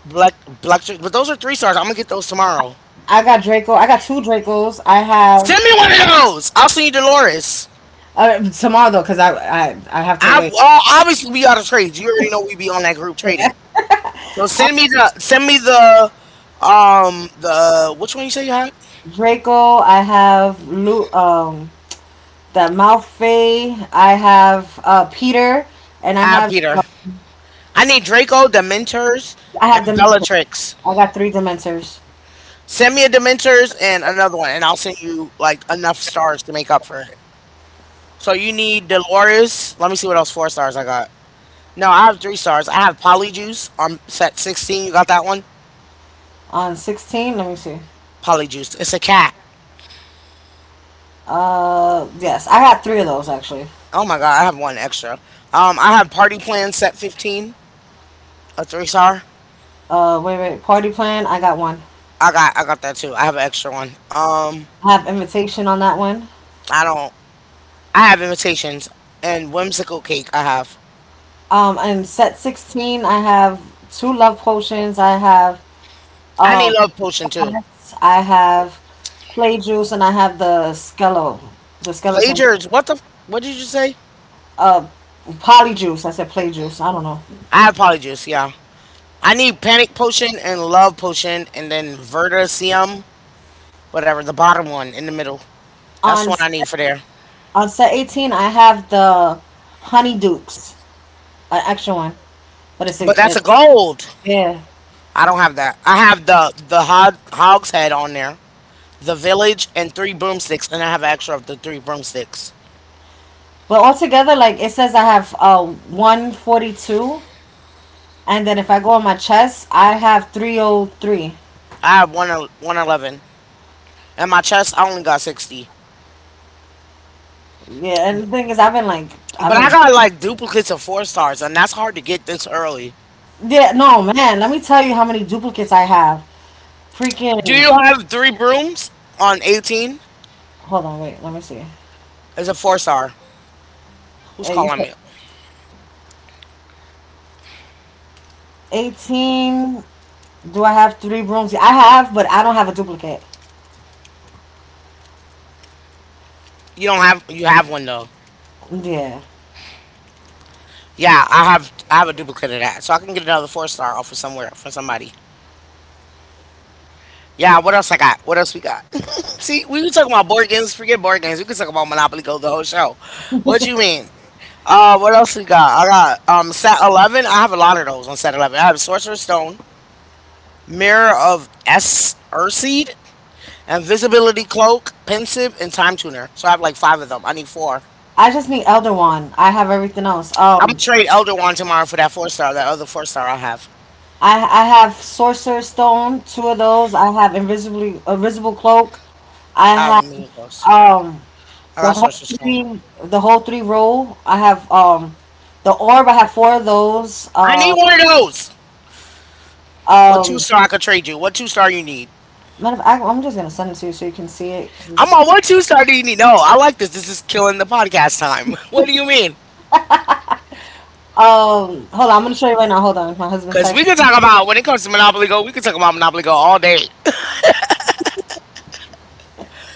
Speaker 1: Black Blacktrix. But those are three stars. I'm gonna get those tomorrow.
Speaker 2: I got Draco. I got two Dracos. I
Speaker 1: Send
Speaker 2: have
Speaker 1: me one of those. I'll send you Dolores.
Speaker 2: tomorrow though, cause I have to
Speaker 1: I
Speaker 2: wait.
Speaker 1: well, obviously we gotta trade. You already know we be on that group trading. So send me the which one you say you had?
Speaker 2: Draco. I have Lu. The Malfoy. I have Peter, and I
Speaker 1: I have
Speaker 2: have.
Speaker 1: Peter. I need Draco, Dementors,
Speaker 2: I
Speaker 1: and
Speaker 2: have Dementor.
Speaker 1: Bellatrix.
Speaker 2: I got three Dementors
Speaker 1: Send me a Dementors and another one, and I'll send you like enough stars to make up for it. So you need Dolores. Let me see what else four stars I got. No, I have three stars. I have Polyjuice on set 16. You got that one?
Speaker 2: on 16. Let me see.
Speaker 1: Polyjuice. It's a cat.
Speaker 2: Yes, I got three of those actually.
Speaker 1: Oh my god, I have one extra. I have Party Plan set 15, a three star.
Speaker 2: Wait. Party plan. I got one.
Speaker 1: I got that too. I have an extra one.
Speaker 2: I have invitation on that one.
Speaker 1: I don't. I have Invitations and Whimsical Cake. I have.
Speaker 2: And set 16. I have two love potions.
Speaker 1: I need
Speaker 2: Um
Speaker 1: Love Potion too.
Speaker 2: I have play juice and I have the skeleton.
Speaker 1: Plagiars. What the? What did you say?
Speaker 2: Uh, poly juice. I said play juice. I don't know.
Speaker 1: I have polyjuice. Yeah. I need panic potion and love potion, and then verticium, whatever the bottom one in the middle. That's the
Speaker 2: On
Speaker 1: one I
Speaker 2: set,
Speaker 1: need for there.
Speaker 2: on set 18, I have the honey dukes, an extra one, but it's
Speaker 1: But
Speaker 2: a
Speaker 1: that's a
Speaker 2: it's
Speaker 1: gold.
Speaker 2: yeah.
Speaker 1: I don't have that. I have the hog, hog's head on there, the village, and three broomsticks, and I have extra of the three broomsticks.
Speaker 2: But altogether, like it says, I have 142, and then if I go on my chest, I have 303.
Speaker 1: I have one el- 111, and my chest I only got 60.
Speaker 2: Yeah, and the thing is, I've been like, I've
Speaker 1: But I
Speaker 2: been
Speaker 1: got like duplicates of four stars, and that's hard to get this early.
Speaker 2: yeah. No man, let me tell you how many duplicates I have
Speaker 1: Do
Speaker 2: freaking.
Speaker 1: you have three brooms on 18?
Speaker 2: Hold on, wait, let me see.
Speaker 1: It's a four star. Who's
Speaker 2: You
Speaker 1: calling
Speaker 2: said
Speaker 1: me?
Speaker 2: 18. Do I have three rooms? I have, but I don't have a duplicate.
Speaker 1: You don't have you have one though.
Speaker 2: Yeah.
Speaker 1: Yeah, I have a duplicate of that, so I can get another four-star off of somewhere from somebody. Yeah, what else I got? What else we got? [LAUGHS] See, we were talking about board games. Forget board games. We can talk about Monopoly Go the whole show. What you mean? What else we got? I got set 11. I have a lot of those on set 11. I have Sorcerer's Stone, Mirror of S Urseed, Invisibility Cloak, Pensive, and Time Tuner. So I have like five of them. I need four.
Speaker 2: I just need Elder Wand. I have everything else.
Speaker 1: I'm gonna trade Elder Wand tomorrow for that four star, that other four star I have.
Speaker 2: I have Sorcerer's Stone, two of those. I have invisibly invisible cloak. I
Speaker 1: I
Speaker 2: have
Speaker 1: haven't moved those.
Speaker 2: um
Speaker 1: I
Speaker 2: the
Speaker 1: got
Speaker 2: whole
Speaker 1: Sorcerer's Stone.
Speaker 2: three the whole three roll. I have the orb. I have four of those.
Speaker 1: I need one of those. What two
Speaker 2: Um,
Speaker 1: star I could trade you? What two star you need?
Speaker 2: Matter of fact, I'm just gonna send it to you so you can see it.
Speaker 1: I'm on what two-star do you need? No, I like this. This is killing the podcast time. [LAUGHS] What do you mean?
Speaker 2: Hold on, I'm gonna show you right now. Hold on, my husband's
Speaker 1: Cause we can
Speaker 2: texting.
Speaker 1: talk about when it comes to Monopoly Go, we can talk about Monopoly Go all day.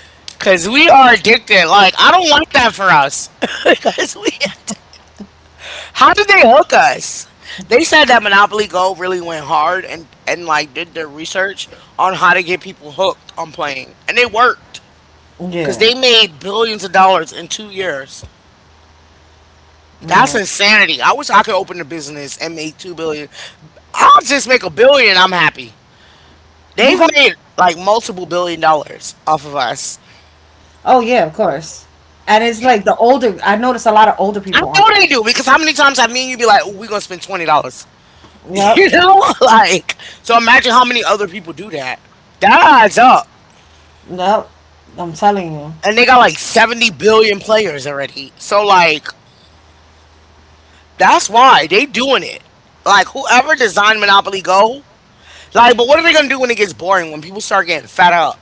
Speaker 1: [LAUGHS] Cause we are addicted. Like I don't want that for us. [LAUGHS] Cause we How did they hook us? They said that Monopoly Go really went hard and like did their research on how to get people hooked on playing, and it worked because
Speaker 2: Yeah,
Speaker 1: they made billions of dollars in 2 years. That's
Speaker 2: man,
Speaker 1: insanity. I wish I could open a business and make two billion. I'll just make a billion. I'm happy.
Speaker 2: you
Speaker 1: They've
Speaker 2: got.
Speaker 1: made like multiple billion dollars off of us.
Speaker 2: Oh yeah, of course. And it's like the older. I notice a lot of older
Speaker 1: I
Speaker 2: people on.
Speaker 1: know they do because how many times have me and you be like, oh, we gonna spend $20? [LAUGHS]
Speaker 2: Yep,
Speaker 1: You know, like so. Imagine how many other people do that. That adds up.
Speaker 2: yep. I'm telling you,
Speaker 1: And they got like 70 billion players already. So like that's why they doing it. Like whoever designed Monopoly Go, like but what are they going to do when it gets boring when people start getting fed up,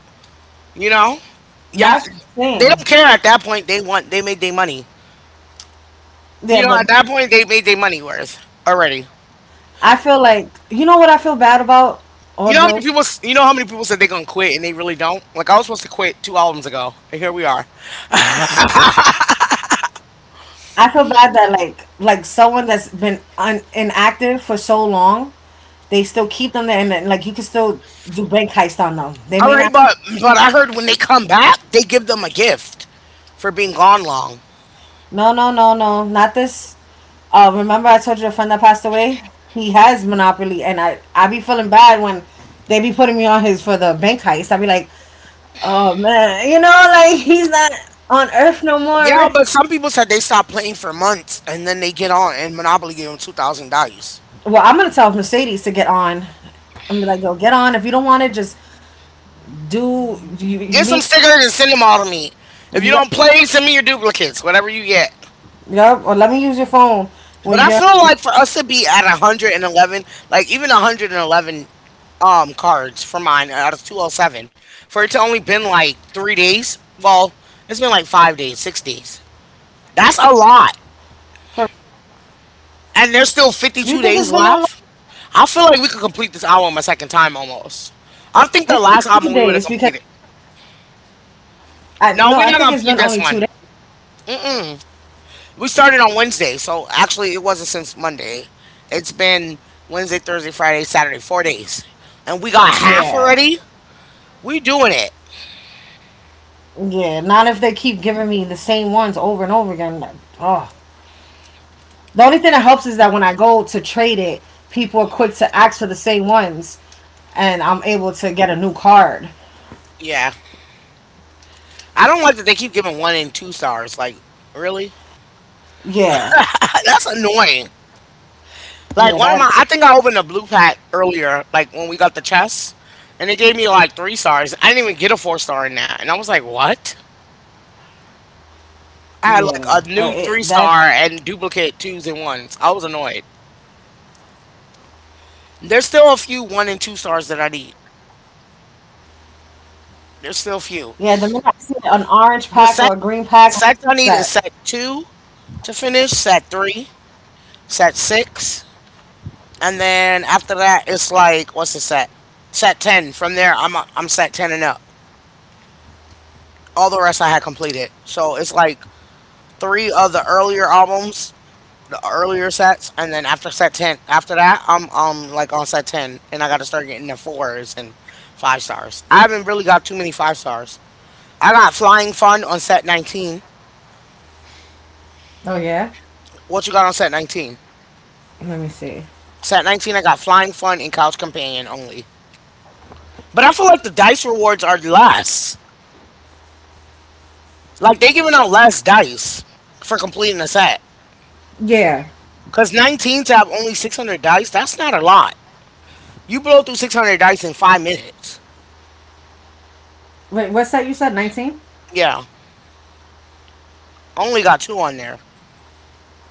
Speaker 1: you know? Yeah,
Speaker 2: that's the
Speaker 1: they
Speaker 2: thing.
Speaker 1: don't care at that point. They made their money.
Speaker 2: Yeah,
Speaker 1: You know,
Speaker 2: but
Speaker 1: at that point they made their money worth already.
Speaker 2: I feel like you know what I feel bad about. All joke.
Speaker 1: You know how many people said they're going to quit and they really don't? Like I was supposed to quit 2 albums ago, and here we are.
Speaker 2: I feel bad that like someone that's been un- inactive for so long, they still keep them there, and then, like you can still do bank heist on them. They
Speaker 1: All
Speaker 2: may
Speaker 1: right,
Speaker 2: not.
Speaker 1: but I heard when they come back, they give them a gift for being gone long.
Speaker 2: No, no, no, no, not this. Remember I told you the friend that passed away? He has Monopoly, and I be feeling bad when they be putting me on his for the bank heist. I be like, oh man, you know, like he's not on Earth no
Speaker 1: Yeah,
Speaker 2: more.
Speaker 1: but some people said they stopped playing for months and then they get on and Monopoly gave them $2,000.
Speaker 2: Well, I'm gonna tell Mercedes to get on. I'm be like, yo, get on. If you don't want it, just do. You
Speaker 1: Get
Speaker 2: mean
Speaker 1: some stickers and send them all to me. If you
Speaker 2: yep,
Speaker 1: don't play, send me your duplicates, whatever you get.
Speaker 2: yep. Or let me use your phone
Speaker 1: But
Speaker 2: when
Speaker 1: I
Speaker 2: you're.
Speaker 1: feel like for us to be at 111, like even 111 cards for mine out of 207, for it to only been like 3 days. Well, it's been like 5 days, 6 days. That's a lot,
Speaker 2: For,
Speaker 1: and there's still
Speaker 2: do you
Speaker 1: fifty
Speaker 2: think
Speaker 1: two
Speaker 2: it's been
Speaker 1: days
Speaker 2: that long?
Speaker 1: left. I feel like we could complete this album a second time almost. I think the
Speaker 2: It's
Speaker 1: last
Speaker 2: been two
Speaker 1: album we would
Speaker 2: days
Speaker 1: have
Speaker 2: because
Speaker 1: completed.
Speaker 2: I
Speaker 1: No,
Speaker 2: no,
Speaker 1: we're
Speaker 2: I
Speaker 1: not gonna
Speaker 2: think it's
Speaker 1: complete
Speaker 2: been
Speaker 1: this
Speaker 2: only
Speaker 1: one.
Speaker 2: 2 days.
Speaker 1: Mm-mm. We started on Wednesday, so actually it wasn't since Monday. It's been Wednesday, Thursday, Friday, Saturday, 4 days, and we got half
Speaker 2: Yeah.
Speaker 1: already. We doing it.
Speaker 2: Yeah, not if they keep giving me the same ones over and over again. Like, oh, the only thing that helps is that when I go to trade it, people are quick to ask for the same ones, and I'm able to get a new card.
Speaker 1: Yeah, I don't like that they keep giving one and two stars. Like, really?
Speaker 2: Yeah,
Speaker 1: [LAUGHS] That's annoying. Like one
Speaker 2: yeah,
Speaker 1: of my,
Speaker 2: that,
Speaker 1: I think I opened a blue pack earlier, like when we got the chess, and it gave me like three stars. I didn't even get a four star in that, and I was like, what? I had
Speaker 2: yeah,
Speaker 1: like a
Speaker 2: It,
Speaker 1: new three
Speaker 2: that,
Speaker 1: star and duplicate twos and ones. I was annoyed. There's still a few one and two stars that I need. There's still a few.
Speaker 2: yeah. The minute I see an orange
Speaker 1: The
Speaker 2: pack
Speaker 1: set
Speaker 2: or a green
Speaker 1: the
Speaker 2: pack, what's
Speaker 1: sets I need is
Speaker 2: that.
Speaker 1: set two to finish, set three, set six, and then after that it's like what's the set? Set ten. From there I'm set ten and up. All the rest I had completed. So it's like three of the earlier albums the earlier sets, and then after set ten, after that, I'm like on set ten, and I got to start getting the fours and five stars. I haven't really got too many five stars. I got flying fun on set 19.
Speaker 2: Oh yeah,
Speaker 1: What you got on set 19?
Speaker 2: let me see.
Speaker 1: Set 19, I got flying fun and couch companion only. But I feel like the dice rewards are less. Like they giving out less dice for completing a set.
Speaker 2: Yeah,
Speaker 1: Cause 19 to have only 600 dice, that's not a lot. You blow through 600 dice in 5 minutes.
Speaker 2: wait, what's that? You said 19.
Speaker 1: Yeah, only got two on there.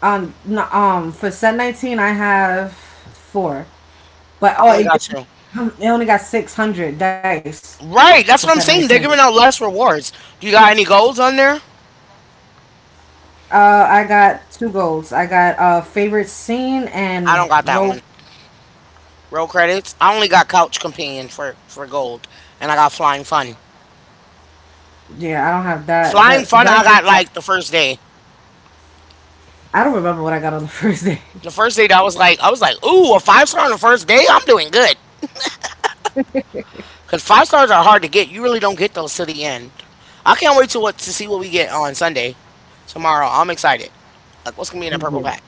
Speaker 2: No, For set 19, I have four. But
Speaker 1: I
Speaker 2: oh,
Speaker 1: only
Speaker 2: it,
Speaker 1: got two.
Speaker 2: it only got 600 dice for
Speaker 1: Right, that's
Speaker 2: set
Speaker 1: what I'm saying.
Speaker 2: 19.
Speaker 1: They're giving out less rewards. Do you got any golds on there?
Speaker 2: I got two golds. I got favorite scene
Speaker 1: I don't
Speaker 2: and
Speaker 1: got that one.
Speaker 2: rogue.
Speaker 1: Roll credits. I only got couch companion for gold, and I got flying fun.
Speaker 2: Yeah, I don't have that.
Speaker 1: Flying fun, I got like the first day.
Speaker 2: I don't remember what I got on the [LAUGHS] first day.
Speaker 1: The first day that was like, I was like, ooh, a five star on the first day. I'm doing good because five stars are hard to get. You really don't get those to the end. I can't wait to what to see what we get on Sunday, tomorrow. I'm excited. Like, what's gonna be in that purple pack?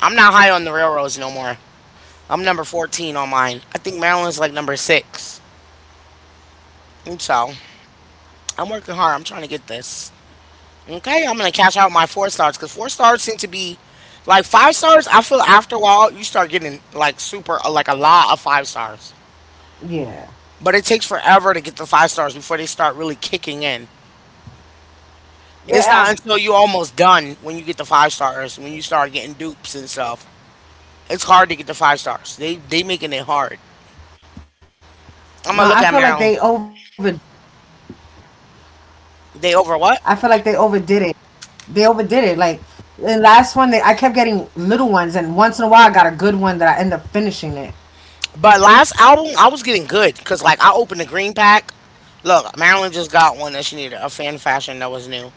Speaker 1: I'm not high on the railroads no more. I'm number 14 on mine. I think Maryland's like number six. So. I'm working hard. I'm trying to get this. Okay, I'm gonna cash out my four stars because four stars seem to be like five stars. I feel after a while you start getting like super like a lot of five stars,
Speaker 2: Yeah,
Speaker 1: but it takes forever to get the five stars before they start really kicking in. It's not until
Speaker 2: yeah.
Speaker 1: you're almost done when you get the five stars when you start getting dupes and stuff. It's hard to get the five stars. They making it hard. I'm
Speaker 2: No,
Speaker 1: gonna look
Speaker 2: I
Speaker 1: at
Speaker 2: feel like
Speaker 1: Maryland.
Speaker 2: they over.
Speaker 1: They over what?
Speaker 2: I feel like they overdid it. They overdid it. Like the last one, they I kept getting little ones, and once in a while, I got a good one that I end up finishing it.
Speaker 1: But last album, I was getting good because like I opened the green pack. Look, Marilyn just got one that she needed, a fan fashion that was new.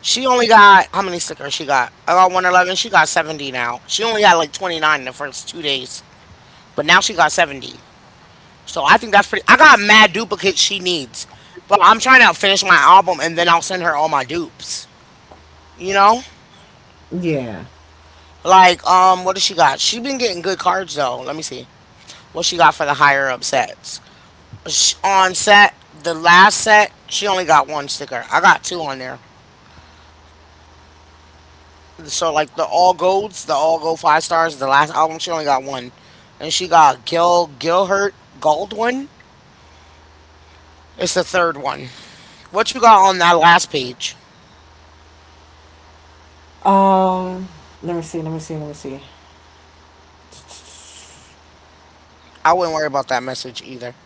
Speaker 1: She only got, how many stickers she got? I got 111. She got 70 now. She only got like 29 in the first 2 days, but now she got 70. So I think that's pretty. I got mad duplicates she needs, but I'm trying to finish my album and then I'll send her all my dupes. You know,
Speaker 2: Yeah.
Speaker 1: like what does she got? She been getting good cards though. Let me see what she got for the higher upsets. The last set, she only got one sticker. I got two on there. So like the all gold five stars, the last album, she only got one, and she got Gilhurt Goldwyn. It's the third one. What you got on that last page?
Speaker 2: Um. Let me see. Let me see. Let me see.
Speaker 1: I wouldn't worry about that message either.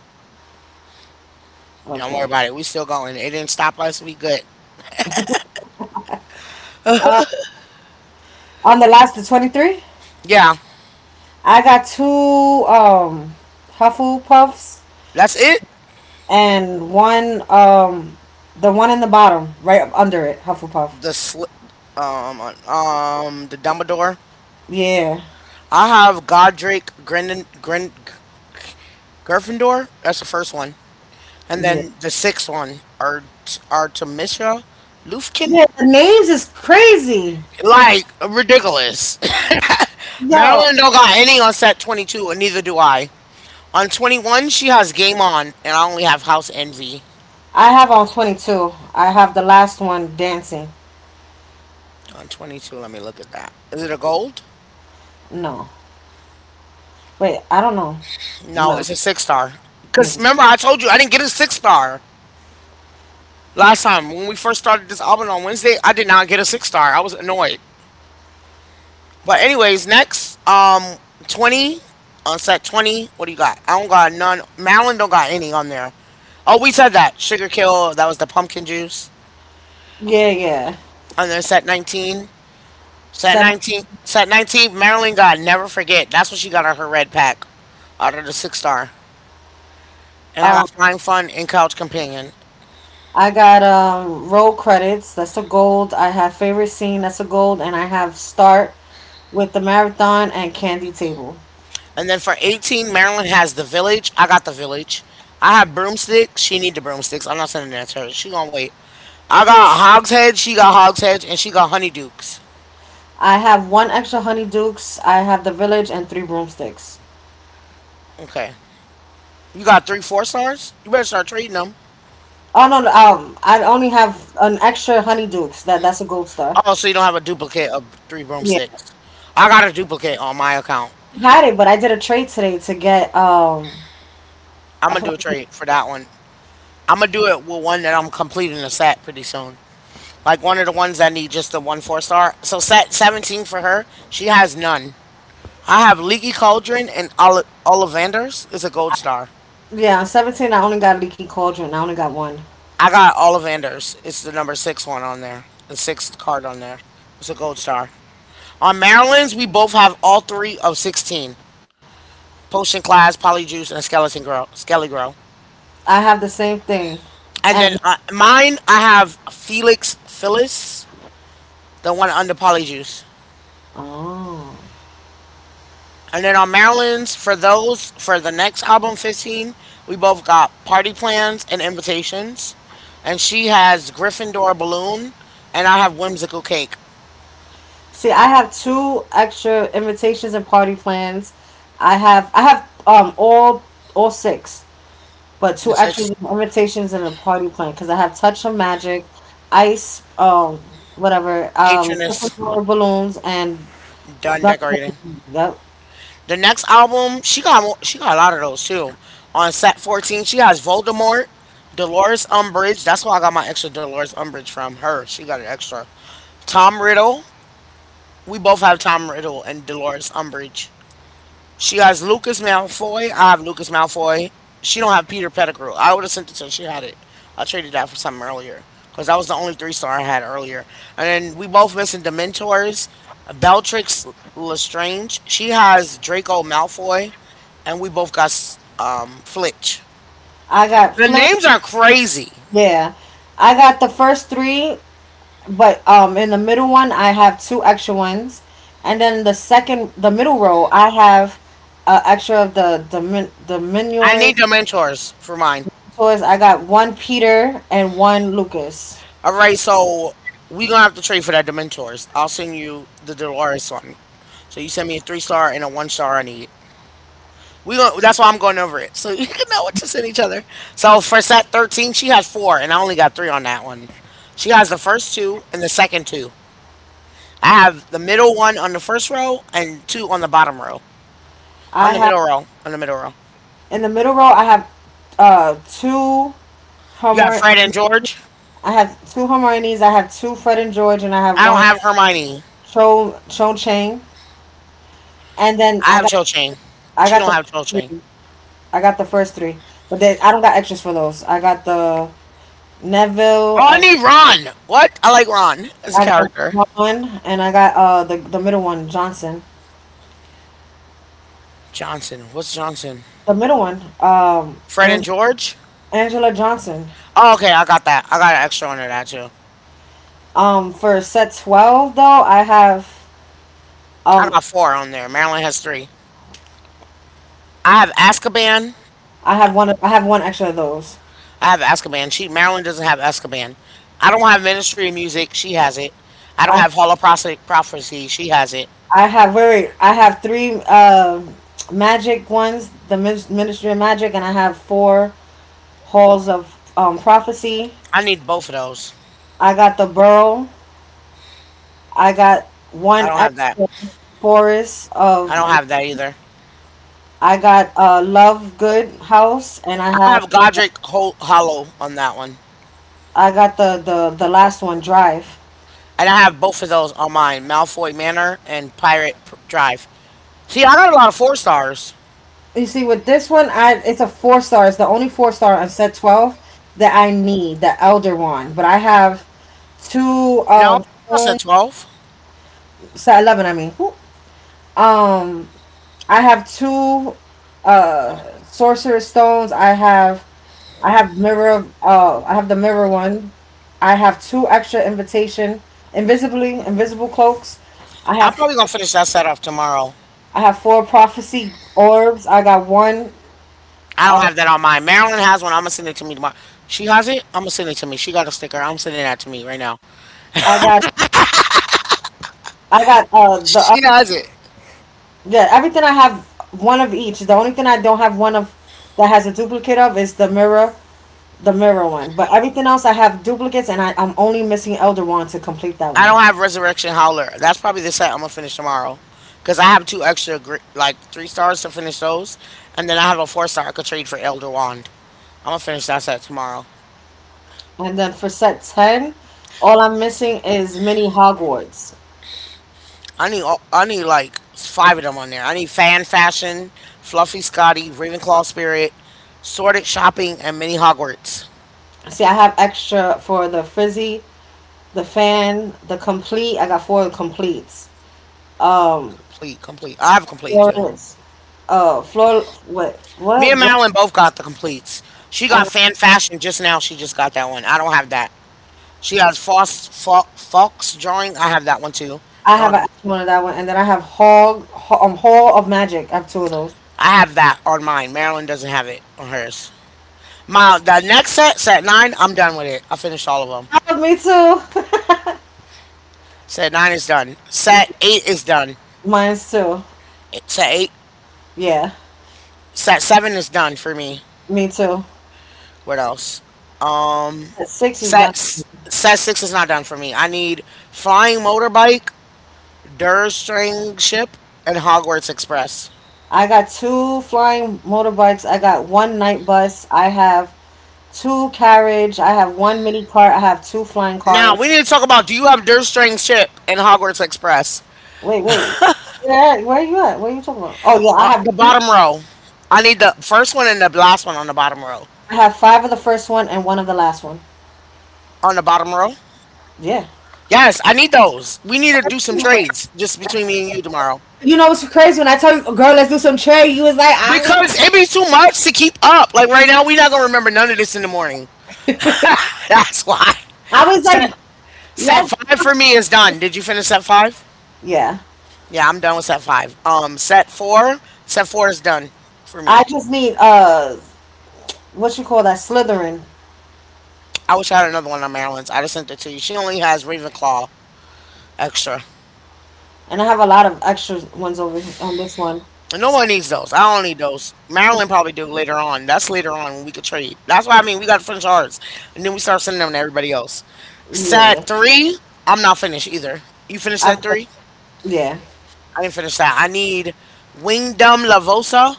Speaker 1: Don't worry
Speaker 2: Okay.
Speaker 1: about it. We still going. It didn't stop us. We good.
Speaker 2: On the last, the 23,
Speaker 1: Yeah,
Speaker 2: I got two um, Hufflepuffs
Speaker 1: that's it.
Speaker 2: and one, the one in the bottom, right up under it, Hufflepuff.
Speaker 1: The sli- the Dumbledore.
Speaker 2: Yeah.
Speaker 1: I have Godric Grin Grin Gryffindor. That's the first one. And
Speaker 2: Yeah.
Speaker 1: then the sixth one, Artemisha Lufkin?
Speaker 2: Yeah, the names is crazy.
Speaker 1: Like, ridiculous. [COUGHS] [LAUGHS]
Speaker 2: Yo,
Speaker 1: Marilyn don't got any on set 22, and neither do I. On 21, she has Game On, and I only have House Envy.
Speaker 2: I have on 22. I have the last one dancing.
Speaker 1: On 22, let me look at that. Is it a gold?
Speaker 2: No. Wait, I don't know.
Speaker 1: No,
Speaker 2: No.
Speaker 1: it's a six star. Because
Speaker 2: This is-
Speaker 1: remember, I told you I didn't get a six-star last time. When we first started this album on Wednesday, I did not get a six star. I was annoyed. But anyways, next, 20, on set 20. What do you got? I don't got none. Malin don't got any on there. Oh, we said that sugar kill. That was the pumpkin juice.
Speaker 2: Yeah, yeah.
Speaker 1: And then set 19. Set
Speaker 2: Sen-
Speaker 1: 19. Set 19. Marilyn got never forget. That's what she got on her red pack, out of the six star. And I got
Speaker 2: um,
Speaker 1: flying fun and couch companion.
Speaker 2: I got road credits. That's a gold. I have favorite scene. That's a gold, and I have start with the marathon and candy table.
Speaker 1: And then for 18, Marilyn has the village. I got the village. I have broomsticks. She need the broomsticks. I'm not sending that to her. She gonna wait. I got hogshead. She got hogshead, and she got honeydukes.
Speaker 2: I have one extra honey dukes. I have the village and three broomsticks.
Speaker 1: Okay. You got three four stars? You better start trading them.
Speaker 2: Oh no, I only have an extra honey dukes. That's a gold star.
Speaker 1: Oh, so you don't have a duplicate of three
Speaker 2: Yeah,
Speaker 1: broomsticks. I got a duplicate on my account.
Speaker 2: had it, but I did a trade today to get.
Speaker 1: I'm
Speaker 2: I
Speaker 1: gonna do a
Speaker 2: forgot.
Speaker 1: trade for that one. I'm gonna do it with one that I'm completing a set pretty soon. Like one of the ones that need just the one four star. So set 17 for her. She has none. I have Leaky Cauldron and Ollivanders. It's a gold star.
Speaker 2: Yeah, on 17. I only got leaky cauldron. I only got one.
Speaker 1: I got Ollivanders. It's the number six one on there. The sixth card on there. It's a gold star. On Maryland's, we both have all three of 16. Potion Class, Polyjuice, and Skeleton Girl, Skelly Girl.
Speaker 2: I have the same thing,
Speaker 1: And then
Speaker 2: and
Speaker 1: mine, I have Felix Phyllis, the one under Polyjuice.
Speaker 2: oh.
Speaker 1: And then on Maryland's, for those, for the next album, 15, we both got Party Plans and Invitations. And she has Gryffindor Balloon, and I have Whimsical Cake,
Speaker 2: See, I have two extra invitations and party plans. I have um all all six, but
Speaker 1: the
Speaker 2: two extra
Speaker 1: sixth
Speaker 2: invitations and a party plan because I have touch of magic, ice,
Speaker 1: patroness
Speaker 2: Gryffindor balloons and
Speaker 1: done
Speaker 2: Dungeons
Speaker 1: decorating.
Speaker 2: and Dragons. Yep.
Speaker 1: The next album, she got she got a lot of those too. On set 14, she has Voldemort, Dolores Umbridge. That's why I got my extra Dolores Umbridge from her. She got an extra. Tom Riddle. We both have Tom Riddle and Dolores Umbridge. She has Lucas Malfoy. I have Lucas Malfoy. She don't have Peter Pettigrew. I would have sent it to her. She had it. I traded that for something earlier because that was the only three star I had earlier. And then we both missing Dementors. Bellatrix Lestrange. She has Draco Malfoy, and we both got Flitch.
Speaker 2: I got
Speaker 1: The
Speaker 2: Flynn.
Speaker 1: names are crazy.
Speaker 2: Yeah, I got the first three, but in the middle one I have two extra ones, and then the middle row, I have extra of the
Speaker 1: I need Dementors for mine.
Speaker 2: toys. I got one Peter and one Lucas.
Speaker 1: All right, so we gonna have to trade for that Dementors. I'll send you the Dolores one. So you send me a three star and a one star I need. That's why I'm going over it. So [LAUGHS] you can know what to send each other. So for set 13, she has four, and I only got three on that one. She has the first two and the second two. I have the middle one on the first row and two on the bottom row. On
Speaker 2: I
Speaker 1: the
Speaker 2: have
Speaker 1: middle row.
Speaker 2: in the middle row. I have two
Speaker 1: You have
Speaker 2: Hermione.
Speaker 1: Fred and George.
Speaker 2: I have two Hermione's. I have two Fred and George, and I have
Speaker 1: I don't
Speaker 2: one
Speaker 1: have Hermione.
Speaker 2: Cho Chang. And then
Speaker 1: I have Cho Chang.
Speaker 2: I
Speaker 1: She
Speaker 2: got
Speaker 1: don't
Speaker 2: the
Speaker 1: have Cho Chang.
Speaker 2: three. I got the first three, but then I don't got extras for those. I got the Neville.
Speaker 1: Oh, I need Ron. What? I like Ron as a
Speaker 2: I got
Speaker 1: character.
Speaker 2: one, and I got the middle one Johnson.
Speaker 1: Johnson. What's Johnson?
Speaker 2: The middle one,
Speaker 1: Fred and George?
Speaker 2: Angela Johnson.
Speaker 1: Oh, okay. I got that. I got an extra under that, too.
Speaker 2: For set 12 though,
Speaker 1: I
Speaker 2: um,
Speaker 1: got four on there. Marilyn has three. I have Azkaban.
Speaker 2: I have one. I have one extra of those.
Speaker 1: She Marilyn doesn't have Azkaban. I don't have Ministry of Music. She has it. I don't
Speaker 2: I
Speaker 1: have Holoprophecy. Prophecy. She has it.
Speaker 2: I have very. I have three magic ones. Ministry of Magic, and I have four halls of prophecy.
Speaker 1: I need both of those.
Speaker 2: I got the Burrow. I got
Speaker 1: I
Speaker 2: one
Speaker 1: don't
Speaker 2: at
Speaker 1: have that.
Speaker 2: forest
Speaker 1: I don't
Speaker 2: of.
Speaker 1: have that either.
Speaker 2: I got love good house, and I
Speaker 1: I
Speaker 2: have.
Speaker 1: have Godric Hollow on that one,
Speaker 2: I got the last one drive.
Speaker 1: and I have both of those on mine: Malfoy Manor and Pirate Drive. See, I got a lot of four stars.
Speaker 2: You see, with this one, I it's a four star. It's the only four star on set 12 that I need, the elder one. But I have two
Speaker 1: No, that's a 12.
Speaker 2: set 11. I mean, whoop. um, I have two sorcerer stones. I have mirror. I have the mirror one. I have invisibly invisible cloaks. I
Speaker 1: I'm
Speaker 2: have
Speaker 1: probably gonna finish that set off tomorrow.
Speaker 2: I have four prophecy orbs. I got one.
Speaker 1: I don't
Speaker 2: Uh,
Speaker 1: have that on mine. Marilyn has one. I'm gonna send it to me tomorrow. She has it. I'm gonna send it to me. She got a sticker. I'm sending that to me right now.
Speaker 2: I got I got the
Speaker 1: She
Speaker 2: other.
Speaker 1: has it.
Speaker 2: Yeah, everything I have one of each. The only thing I don't have one of that has a duplicate of is the mirror one. But everything else I have duplicates, and I'm only missing Elder Wand to complete that
Speaker 1: I
Speaker 2: one.
Speaker 1: don't have Resurrection Howler. That's probably the set I'm gonna finish tomorrow. Cause I have two extra, like three stars to finish those, and then I have a four star I could trade for Elder Wand. I'm gonna finish that set tomorrow.
Speaker 2: And then for set ten, all I'm missing is mini Hogwarts.
Speaker 1: I need like five of them on there. I need Fan Fashion, Fluffy Scotty, Ravenclaw Spirit, Sorted Shopping, and Mini Hogwarts.
Speaker 2: See, I have extra for the frizzy, the fan, the complete. I got four completes. Um,
Speaker 1: Complete, complete. I have complete too.
Speaker 2: Florence, Flor,
Speaker 1: Me
Speaker 2: what,
Speaker 1: and
Speaker 2: Dro-
Speaker 1: Madeline both got the completes. She got fan fashion just now. She just got that one. I don't have that. She has Fox drawing. I have that one too.
Speaker 2: I
Speaker 1: I
Speaker 2: have a,
Speaker 1: don't.
Speaker 2: one of that one, and then I have Hall of Magic. I have two of those.
Speaker 1: I have that on mine. Marilyn doesn't have it on hers. My the next set, set nine. I'm done with it. I finished all of them.
Speaker 2: Oh, me too.
Speaker 1: Set nine is done. Set eight is done.
Speaker 2: [LAUGHS] Mine's too.
Speaker 1: Set eight.
Speaker 2: Yeah,
Speaker 1: Set seven is done for me.
Speaker 2: me too.
Speaker 1: What else? Um,
Speaker 2: That Six is
Speaker 1: set
Speaker 2: done.
Speaker 1: s- set six is not done for me. I need flying motorbike, Durstring Ship, and Hogwarts Express.
Speaker 2: I got two flying motorbikes. I got one night bus. I have two carriage. I have one mini cart. I have two flying
Speaker 1: Now
Speaker 2: cars.
Speaker 1: we need to talk about. Do you have Durstring Ship and Hogwarts Express?
Speaker 2: Wait, wait. Where are you at? What are you talking about? Oh yeah,
Speaker 1: The bottom row. I need the first one and the last one on the bottom row.
Speaker 2: I have five of the first one and one of the last one.
Speaker 1: On the bottom row.
Speaker 2: Yeah.
Speaker 1: Yes, I need those. We need to do some trades just between me and you tomorrow.
Speaker 2: You know what's crazy? When I told you, girl, let's do some trade, you was like,
Speaker 1: Because it be too much to keep up. Like right now, we're not gonna remember none of this in the morning. [LAUGHS] That's why.
Speaker 2: I was
Speaker 1: Set
Speaker 2: like,
Speaker 1: set
Speaker 2: Let's
Speaker 1: five for me is done. Did you finish set five?
Speaker 2: yeah.
Speaker 1: Yeah, I'm done with set five. Set four is done for
Speaker 2: I
Speaker 1: me.
Speaker 2: just need what you call that Slytherin,
Speaker 1: I wish I had another one on Maryland's. I just sent it to you. She only has Ravenclaw extra.
Speaker 2: and I have a lot of extra ones over here on this one.
Speaker 1: And no one needs those. I don't need those. Maryland probably do later on. That's later on when we could trade. That's why I mean. We got to finish ours. And then we start sending them to everybody else.
Speaker 2: Yeah,
Speaker 1: Set three, I'm not finished either. You finished
Speaker 2: I've
Speaker 1: set three?
Speaker 2: yeah.
Speaker 1: I didn't finish that. I need Wingdom Lavosa.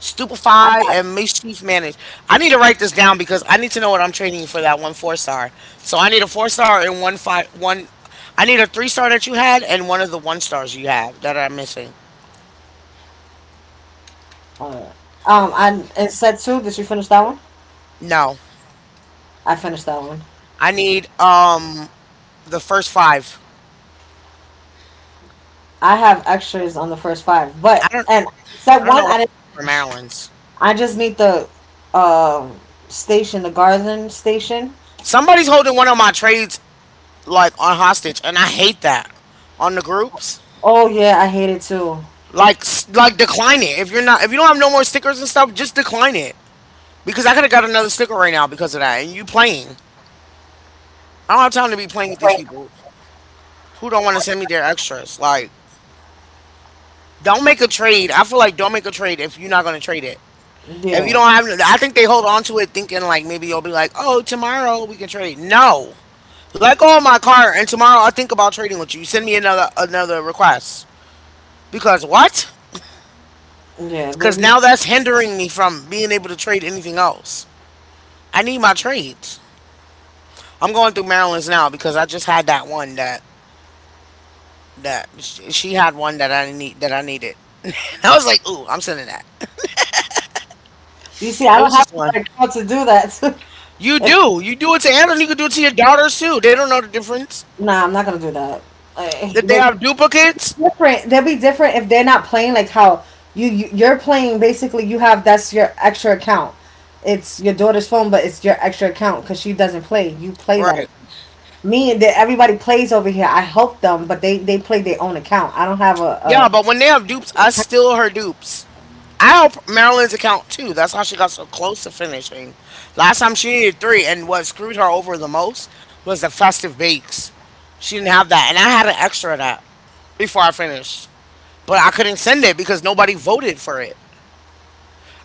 Speaker 1: Stupefy and mischief manage. I need to write this down because I need to know what I'm training you for that one 4 star. So I need a four star and one five one. I need a three star that you had and one of the one stars you have that I'm missing.
Speaker 2: Alright. I and set two. Did you finish that one?
Speaker 1: No,
Speaker 2: I finished that one.
Speaker 1: I need the first five.
Speaker 2: I have extras on the first five,
Speaker 1: I
Speaker 2: but
Speaker 1: don't
Speaker 2: and set
Speaker 1: I don't
Speaker 2: one
Speaker 1: know why
Speaker 2: I didn't
Speaker 1: for
Speaker 2: finish.
Speaker 1: Maryland's.
Speaker 2: I just need the um station, the garden station.
Speaker 1: Somebody's holding one of my trades like on hostage, and I hate that on the groups.
Speaker 2: Oh yeah, I hate it too.
Speaker 1: Like like decline it if you're not if you don't have no more stickers and stuff, just decline it. Because I could have got another sticker right now because of that. And you playing. I don't have time to be playing with these people who don't want to send me their extras. Like, don't make a trade. I feel like don't make a trade if you're not going to trade it. If you
Speaker 2: Yeah,
Speaker 1: don't have, I think they hold on to it thinking like maybe you'll be like, oh, tomorrow we can trade. No, let go of my car and tomorrow I think about trading with you. Send me another request because what?
Speaker 2: yeah.
Speaker 1: Because
Speaker 2: Maybe
Speaker 1: now that's hindering me from being able to trade anything else. I need my trades. I'm going through Maryland's now because I just had that one she had, one that I need, that I needed. [LAUGHS] I was like, "Ooh, I'm sending that."
Speaker 2: you see, I
Speaker 1: It
Speaker 2: don't
Speaker 1: was just
Speaker 2: have to
Speaker 1: one.
Speaker 2: like how to do that. [LAUGHS]
Speaker 1: You do. You do it to Anna. You can do it to your daughters too. They don't know the difference.
Speaker 2: Nah, I'm not gonna do that. Like,
Speaker 1: If they
Speaker 2: they
Speaker 1: have duplicates,
Speaker 2: different. They'll be different if they're not playing. Like how you, you're playing. Basically, you have that's your extra account. It's your daughter's phone, but it's your extra account because she doesn't play. You play that.
Speaker 1: right?
Speaker 2: Ac- Me and the, everybody plays over here. I help them, but they play their own account. I don't have
Speaker 1: Yeah,
Speaker 2: a
Speaker 1: but when they have dupes, I steal her dupes. I help Marilyn's account too. That's how she got so close to finishing. Last time she needed three, and what screwed her over the most was the festive bakes. She didn't have that, and I had an extra of that before I finished, but I couldn't send it because nobody voted for it.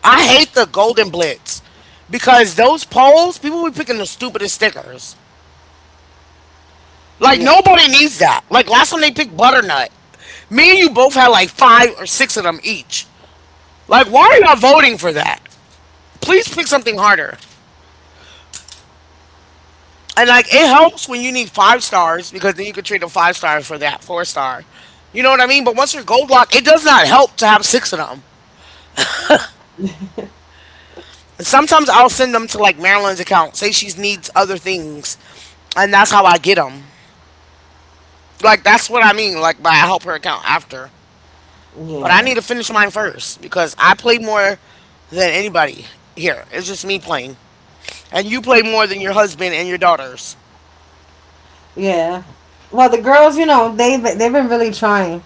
Speaker 1: I hate the golden blitz because those polls, people be picking the stupidest stickers. Like
Speaker 2: yeah
Speaker 1: nobody needs that. Like last time they picked butternut. Me and you both had like five or six of them each. Like why are y'all voting for that? Please pick something harder. And like it helps when you need five stars because then you can trade a five star for that four star. You know what I mean? But once you're gold locked, it does not help to have six of them. And sometimes I'll send them to like Marilyn's account. Say she needs other things, and that's how I get them. Like that's what I mean. Like by I help her account after, but I
Speaker 2: yeah
Speaker 1: need to finish mine first because I play more than anybody here. It's just me playing, and you play more than your husband and your daughters.
Speaker 2: yeah. Well, the girls, you know, they've been really trying.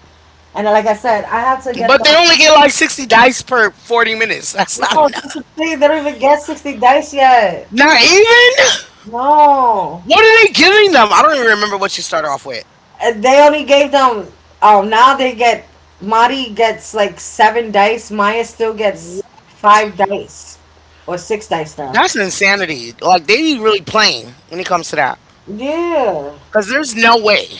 Speaker 2: And like I said, I have to get
Speaker 1: But
Speaker 2: them.
Speaker 1: they only get like 60 dice per 40 minutes. [LAUGHS] That's not
Speaker 2: No,
Speaker 1: enough.
Speaker 2: that's the thing. They don't even get 60 dice yet.
Speaker 1: Not even.
Speaker 2: No.
Speaker 1: What are they giving them? I don't even remember what you started off with.
Speaker 2: They only gave them. Oh, now they get. Mari gets like seven dice. Maya still gets
Speaker 1: Wh-
Speaker 2: five dice. Or six dice now.
Speaker 1: That's insanity. Like they be really playing when it comes to that,
Speaker 2: Yeah.
Speaker 1: because there's no way.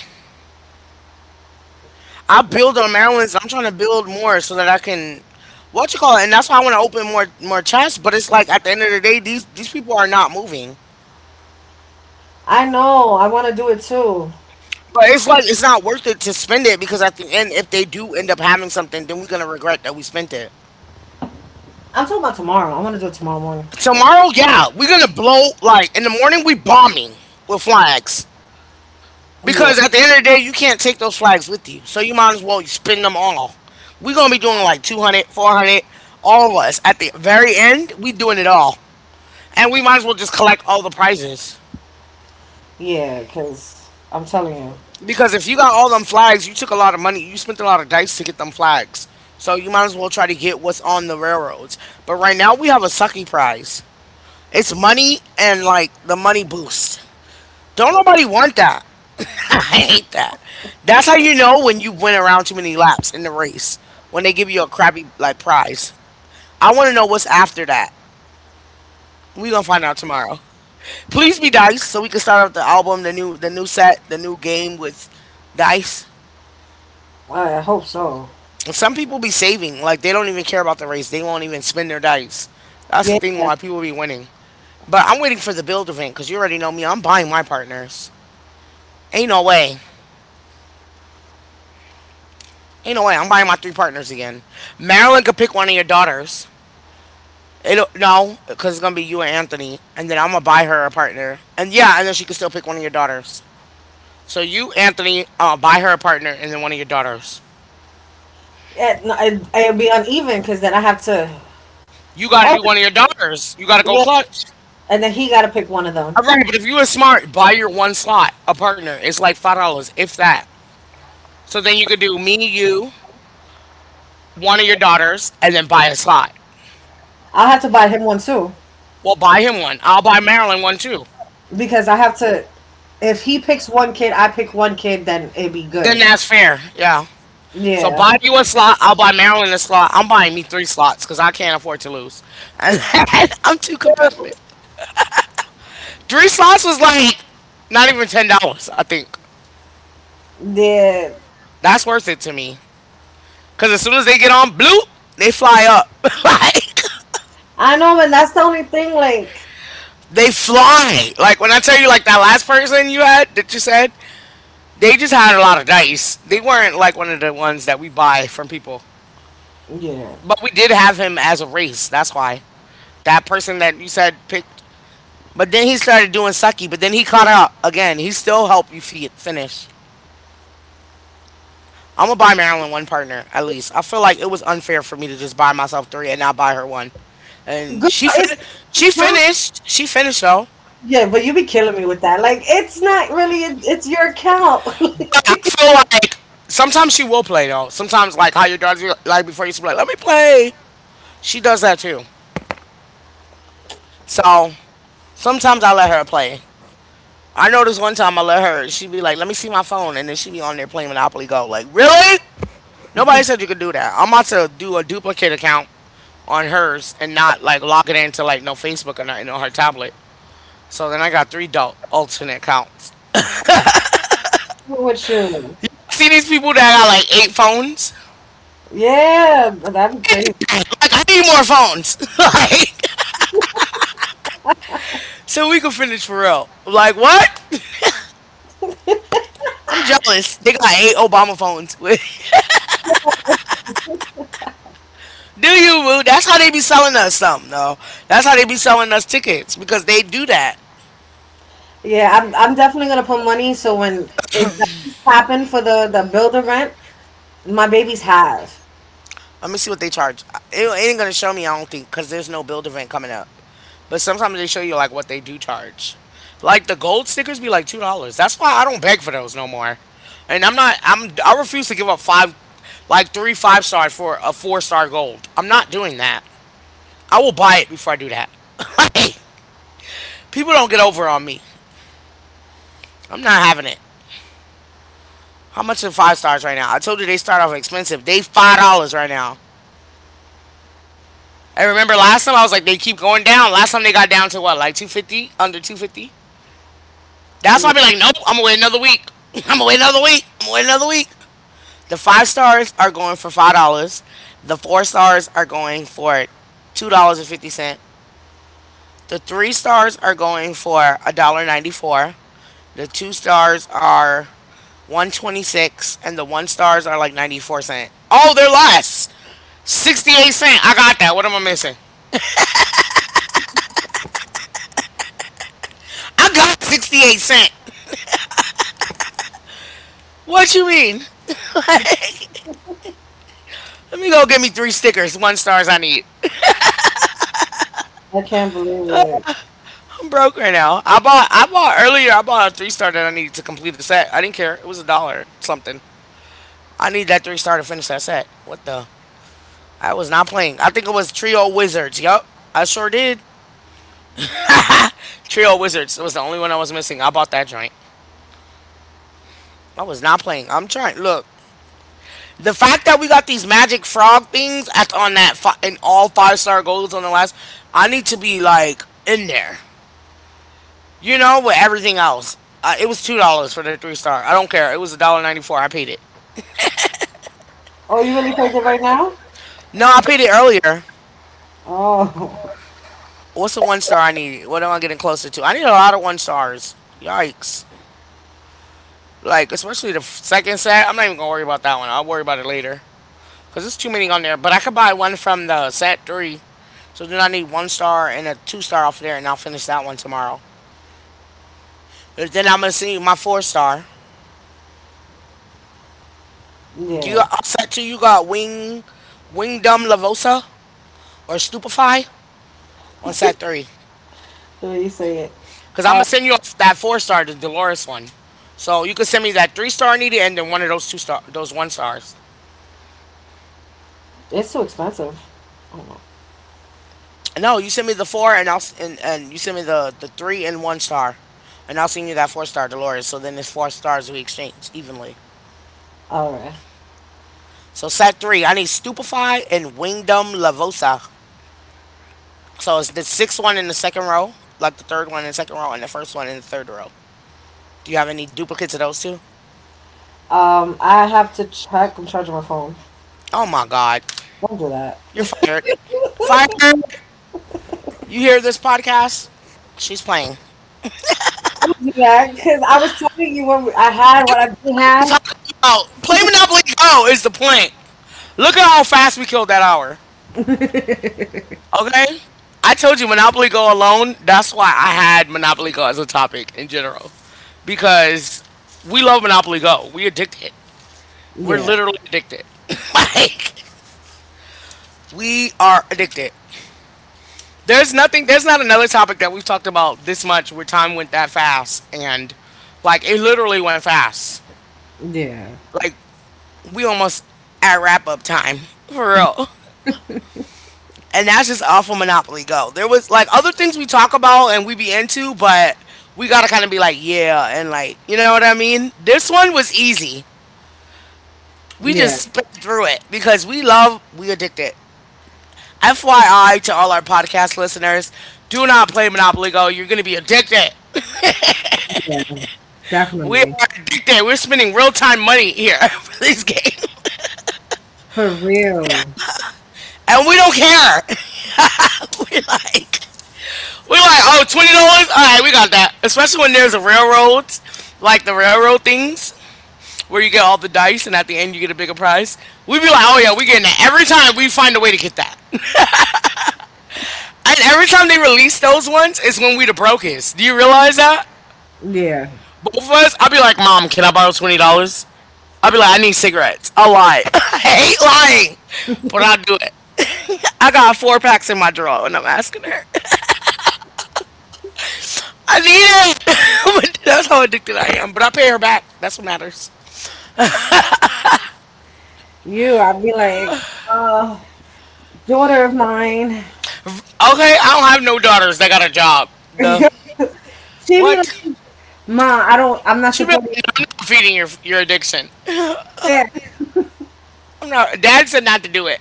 Speaker 1: I build on Maryland's. I'm trying to build more so that I can what you call it, and that's why I want to open more chats. But it's like at the end of the day, these people are not moving.
Speaker 2: I know. I want to do it too.
Speaker 1: But it's like it's not worth it to spend it because at the end, if they do end up having something, then we're gonna regret that we spent it.
Speaker 2: I'm talking about tomorrow. I want to do it tomorrow morning.
Speaker 1: Tomorrow, yeah, we're gonna blow like in the morning we bombing with flags.
Speaker 2: Yeah.
Speaker 1: Because at the end of the day, you can't take those flags with you. So you might as well spend them all. We're gonna be doing like 200, 400, all of us. At the very end, we doing it all. And we might as well just collect all the prizes.
Speaker 2: Yeah, because I'm telling you.
Speaker 1: Because if you got all them flags, you took a lot of money. You spent a lot of dice to get them flags. So you might as well try to get what's on the railroads. But right now we have a sucky prize. It's money and like the money boost. Don't nobody want that. [LAUGHS] I hate that. That's how you know when you went around too many laps in the race, when they give you a crappy like prize. I want to know what's after that. We gonna find out tomorrow. Please be dice so we can start out the album, the new set, the new game with dice.
Speaker 2: I hope so.
Speaker 1: And some people be saving, like they don't even care about the race. They won't even spin their dice. That's the
Speaker 2: Yeah.
Speaker 1: thing why people be winning. But I'm waiting for the build event because you already know me. I'm buying my partners. Ain't no way. Ain't no way. I'm buying my three partners again. Marilyn could pick one of your daughters. It'll, no, because it's gonna be you and Anthony, and then I'm gonna buy her a partner. And yeah, and then she can still pick one of your daughters. So you, Anthony, buy her a partner, and then one of your daughters.
Speaker 2: It, no, it, it'll be uneven because then I have to.
Speaker 1: You got to
Speaker 2: Oh,
Speaker 1: do one of your daughters. You got to go
Speaker 2: yeah.
Speaker 1: clutch.
Speaker 2: And then he got to pick one of them.
Speaker 1: All right, but if you were smart, buy your one slot, a partner. It's like $5, if that. So then you could do me, you, one of your daughters, and then buy a slot.
Speaker 2: I'll have to buy him one too,
Speaker 1: Well, buy him one. I'll buy Marilyn one too.
Speaker 2: because I have to. If he picks one kid, I pick one kid, then it'd be
Speaker 1: Then
Speaker 2: good.
Speaker 1: that's fair. Yeah. So
Speaker 2: Yeah,
Speaker 1: buy you a slot. I'll buy Marilyn a slot. I'm buying me three slots because I can't afford to lose. [LAUGHS] And I'm too competitive. Three slots was like not even $10. I think
Speaker 2: yeah.
Speaker 1: that's worth it to me. Cause as soon as they get on, bloop, they fly up. [LAUGHS] like.
Speaker 2: I know, and that's the only thing. Like,
Speaker 1: They fly. Like when I tell you, like that last person you had that you said, they just had a lot of dice. They weren't like one of the ones that we buy from people.
Speaker 2: yeah,
Speaker 1: But we did have him as a race. That's why that person that you said picked. But then he started doing sucky. But then he caught up again. He still helped you finish. I'm gonna buy Marilyn one partner at least. I feel like it was unfair for me to just buy myself three and not buy her one. And
Speaker 2: good.
Speaker 1: she
Speaker 2: It's
Speaker 1: fin
Speaker 2: your
Speaker 1: she
Speaker 2: account.
Speaker 1: finished. She finished though.
Speaker 2: Yeah, but you be killing me with that. Like, it's not really. It's your account. [LAUGHS]
Speaker 1: Like, I feel like sometimes she will play though. Sometimes like how your daughter like before you used to be like, let me play. She does that too. So sometimes I let her play. I noticed one time I let her. She'd be like, let me see my phone, and then she'd be on there playing Monopoly Go. Like, really? Nobody said you could do that. I'm about to do a duplicate account on hers and not like log it into like no Facebook or nothing on her tablet. So then I got three alternate accounts.
Speaker 2: with you.
Speaker 1: See these people that got like eight phones?
Speaker 2: Yeah, that'd be crazy.
Speaker 1: [LAUGHS] Like I need more phones. [LAUGHS] like So we can finish Pharrell. Like what? [LAUGHS] I'm jealous. They got eight Obama phones. [LAUGHS] do you, Moo? That's how they be selling us something, though. That's how they be selling us tickets because they do that.
Speaker 2: I'm definitely gonna put money. So when it does happen for the builder rent, my babies have.
Speaker 1: Let me see what they charge. It ain't gonna show me, I don't think, because there's no build event coming up. But sometimes they show you like what they do charge. Like the gold stickers be like $2. That's why I don't beg for those no more. And I'm not. I refuse to give up five, like 3 5 stars for a four-star gold. I'm not doing that. I will buy it before I do that. [LAUGHS] People don't get over on me. I'm not having it. How much are five stars right now? I told you they start off expensive. They $5 right now. I remember last time I was like they keep going down. Last time they got down to what, like 2.50, under 2.50. That's why
Speaker 2: Yeah,
Speaker 1: I be like, nope, I'm gonna wait another week. [LAUGHS] I'm gonna wait another week. I'm gonna wait another week. The five stars are going for $5. The four stars are going for $2 and 50 cent. The three stars are going for a dollar 94. The two stars are 126 and the one stars are like 94 cent. Oh, they're less. 68 cent. I got that. What am I missing? I got 68 cent. What you mean? Let me go get me three stickers, one stars I need.
Speaker 2: I can't believe it.
Speaker 1: I'm broke right now. I bought earlier I bought a three star that I needed to complete the set. I didn't care. It was a dollar something. I need that three star to finish that set. What the? I was not playing. I think it was Trio Wizards. Yup. I sure did. Trio Wizards. It was the only one I was missing. I bought that joint. I was not playing. I'm trying. Look, the fact that we got these magic frog things at on in all five-star goals on the last, I need to be like in there, you know, with everything else. It was $2 for the three star. I don't care. It was a dollar ninety four. I paid it.
Speaker 2: Oh, you really paid it right now?
Speaker 1: No, I paid it earlier.
Speaker 2: Oh.
Speaker 1: What's the one star I need? What am I getting closer to? I need a lot of one stars. Yikes! Like especially second set. I'm not even gonna worry about that one. I'll worry about it later because there's too many on there. But I could buy one from the set three. So then I need one star and a two-star off there, and I'll finish that one tomorrow. Then I'm gonna send you my four star. Do you
Speaker 2: Yeah,
Speaker 1: on set two? You got wing, wingdom lavosa or stupefy on set three?
Speaker 2: the way you say it.
Speaker 1: Cause I'm
Speaker 2: Um,
Speaker 1: gonna send you that four star, the Dolores one. So you can send me that three-star needed, and then one of those two-star, those one stars.
Speaker 2: it's too expensive. Oh,
Speaker 1: No, you send me the four, and I'll and you send me the three and one star, and I'll send you that four-star Dolores. So then it's four stars we exchange evenly.
Speaker 2: All right.
Speaker 1: So set three, I need stupefy and wingdom lavosa. So it's the sixth one in the second row, like the third one in the second row, and the first one in the third row. Do you have any duplicates of those two?
Speaker 2: I have to check. I'm charging my phone.
Speaker 1: Oh my God.
Speaker 2: Don't do that.
Speaker 1: You're fired. Fired. You hear this podcast? She's playing.
Speaker 2: Don't do that, because I was telling you what I had, what I didn't
Speaker 1: We
Speaker 2: have.
Speaker 1: talking about play Monopoly Go is the point. Look at how fast we killed that hour. Okay? I told you Monopoly Go alone, that's why I had Monopoly Go as a topic in general. Because we love Monopoly Go. We addicted. We're
Speaker 2: Yeah,
Speaker 1: literally addicted. [LAUGHS] Like we are addicted. There's nothing. There's not another topic that we've talked about this much where time went that fast, and like it literally went fast.
Speaker 2: yeah,
Speaker 1: Like we almost at wrap up time [LAUGHS] for real. And that's just all for Monopoly Go. There was like other things we talk about and we be into, but we gotta kind of be like, yeah, and like, you know what I mean? This one was easy. We
Speaker 2: yeah,
Speaker 1: just spit through it because we love, we addicted. FYI to all our podcast listeners, do not play Monopoly Go. You're gonna be addicted.
Speaker 2: yeah,
Speaker 1: We are
Speaker 2: definitely.
Speaker 1: addicted. We're spending real time money here [LAUGHS] for this game.
Speaker 2: For real.
Speaker 1: And we don't care. [LAUGHS] we like we like, oh, $20? Alright, we got that. Especially when there's a railroads, like the railroad things, where you get all the dice and at the end you get a bigger prize. We be like, oh yeah, we getting that. Every time we find a way to get that. [LAUGHS] And every time they release those ones is when we the brokest. Do you realize that?
Speaker 2: Yeah.
Speaker 1: Both of us, I'll be like, Mom, can I borrow $20? I'll be like, I need cigarettes. I'll lie. [LAUGHS] I hate lying. But I'll do it. I got four packs in my drawer, and I'm asking her. [LAUGHS] I need it. [LAUGHS] That's how addicted I am. But I pay her back. That's what matters.
Speaker 2: You, I'd be like, uh, daughter of mine.
Speaker 1: Okay, I don't have no daughters that got a job.
Speaker 2: [LAUGHS]
Speaker 1: The
Speaker 2: She'd be like,
Speaker 1: what?
Speaker 2: Ma, I'm not
Speaker 1: She be like,
Speaker 2: supporting
Speaker 1: "No,
Speaker 2: you.
Speaker 1: I'm not feeding your addiction.
Speaker 2: [LAUGHS]
Speaker 1: I'm not. Dad said not to do it.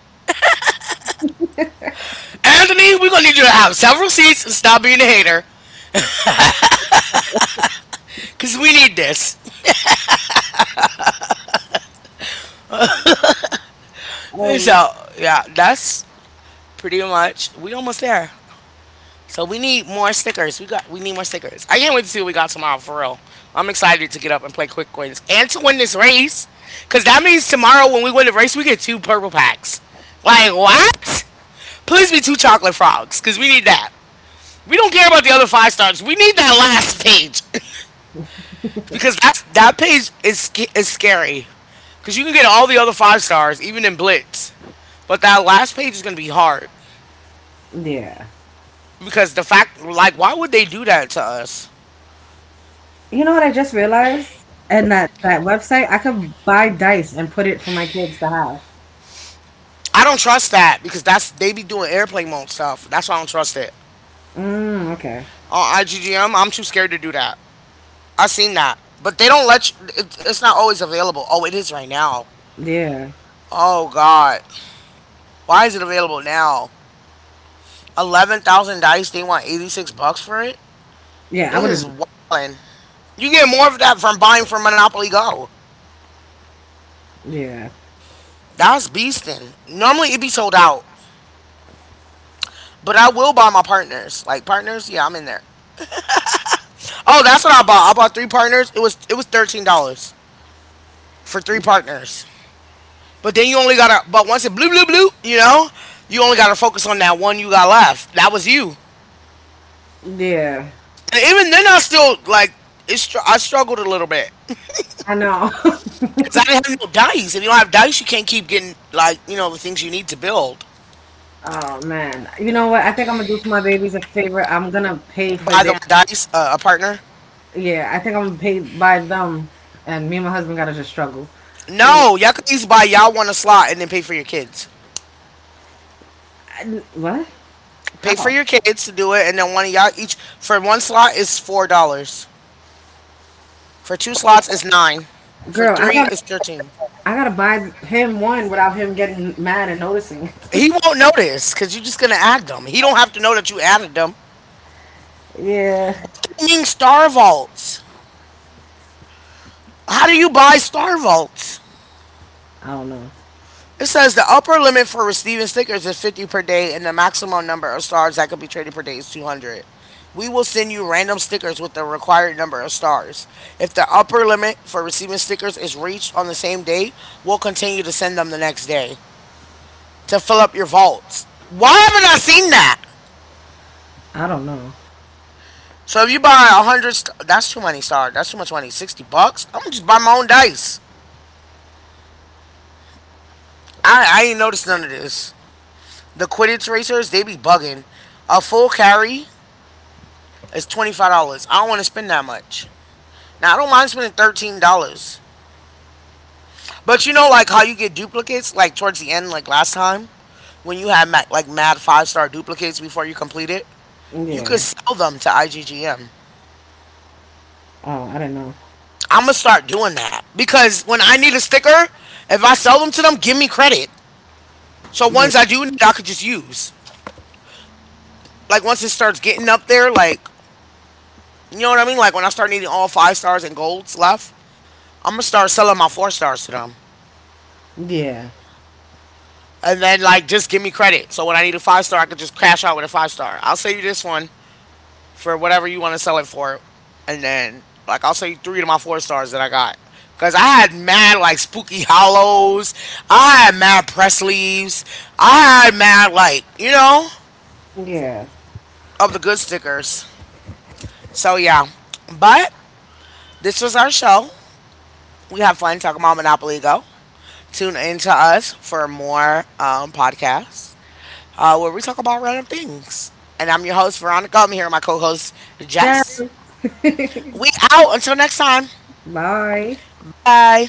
Speaker 1: Anthony, we're gonna need you to have several seats and stop being a hater, cause we need this.
Speaker 2: Yeah.
Speaker 1: So yeah, that's pretty much. We almost there. So we need more stickers. We need more stickers. I can't wait to see what we got tomorrow for real. I'm excited to get up and play quick wins and to win this race. Cause that means tomorrow when we win the race, we get two purple packs. Like what? Please be two chocolate frogs, cause we need that. We don't care about the other five stars. We need that last page [LAUGHS] because that page is scary. Cause you can get all the other five stars even in Blitz, but that last page is gonna be hard
Speaker 2: Yeah.
Speaker 1: because the fact like why would they do that to us?
Speaker 2: You know what I just realized? And that that website, I could buy dice and put it for my kids to have.
Speaker 1: I don't trust that because that's they be doing airplane mode stuff. That's why I don't trust it.
Speaker 2: Mm, okay.
Speaker 1: On IGGM, I'm too scared to do that. I seen that, but they don't let you. It's not always available. Oh, it is right now.
Speaker 2: Yeah.
Speaker 1: Oh God, why is it available now? 11,000 dice. They want $86 for it.
Speaker 2: Yeah, I
Speaker 1: They
Speaker 2: would
Speaker 1: is
Speaker 2: have.
Speaker 1: wildin'. You get more of that from buying from Monopoly Go.
Speaker 2: Yeah.
Speaker 1: That's beastin'. Normally it be sold out, but I will buy my partners. Like partners, yeah, I'm in there. Oh, that's what I bought. I bought three partners. It was $13. For three partners. But then you only gotta, but once it blue, blue, blue, you know, you only gotta focus on that one you got left. That was you.
Speaker 2: Yeah.
Speaker 1: And even then, I still, like, it's, I struggled a little bit.
Speaker 2: I know.
Speaker 1: Because I
Speaker 2: [LAUGHS]
Speaker 1: didn't have no dice. If you don't have dice, you can't keep getting, like, you know, the things you need to build.
Speaker 2: Oh man. You know what? I think I'm gonna do for my babies a favor. I'm gonna pay for
Speaker 1: Buy
Speaker 2: their.
Speaker 1: them dice, a partner.
Speaker 2: Yeah, I think I'm gonna pay by them, and me and my husband gotta just struggle. You know
Speaker 1: No, y'all can each buy y'all one a slot and then pay for your kids.
Speaker 2: I- what?
Speaker 1: Pay for
Speaker 2: How?
Speaker 1: your kids to do it, and then one of y'all each, for one slot is $4. For two slots is 9. For
Speaker 2: Girl,
Speaker 1: three is 13.
Speaker 2: I gotta buy him one without him getting mad and noticing.
Speaker 1: He won't notice because you're just gonna add them. He don't have to know that you added them.
Speaker 2: [LAUGHS] yeah.
Speaker 1: I mean Star Vaults? How do you buy Star Vaults?
Speaker 2: I don't know.
Speaker 1: It says the upper limit for receiving stickers is 50 per day, and the maximum number of stars that could be traded per day is 200. We will send you random stickers with the required number of stars. If the upper limit for receiving stickers is reached on the same day, we'll continue to send them the next day to fill up your vaults. Why haven't I seen that?
Speaker 2: I don't know.
Speaker 1: So if you buy a hundred, that's too many stars. That's too much money. $60. I'm gonna just buy my own dice. I ain't noticed none of this. The Quidditch racers they be bugging. A full carry is $25. I don't want to spend that much. Now I don't mind spending $13, but you know like how you get duplicates like towards the end like last time when you had like mad five-star duplicates before you complete it. You could
Speaker 2: Yeah.
Speaker 1: sell them to IGGM.
Speaker 2: Oh, I didn't know.
Speaker 1: I'm gonna start doing that because when I need a sticker, if I sell them to them, give me credit. So
Speaker 2: Yeah.
Speaker 1: ones I do need, I could just use. Like once it starts getting up there, like you know what I mean. Like when I start needing all five stars and golds left, I'm gonna start selling my four stars to them,
Speaker 2: Yeah.
Speaker 1: and then like just give me credit. So when I need a five star, I could just cash out with a five star. I'll sell you this one for whatever you want to sell it for, and then like I'll sell you three of my four stars that I got. Cause I had mad like spooky hollows. I had mad press leaves. I had mad like you know
Speaker 2: Yeah.
Speaker 1: of the good stickers. So yeah, but this was our show. We had fun talking about Monopoly Go. Tune in to us for more podcasts where we talk about random things. And I'm your host, Veronica. I'm here with my co host, Jess. We out until next time.
Speaker 2: Bye.
Speaker 1: Bye.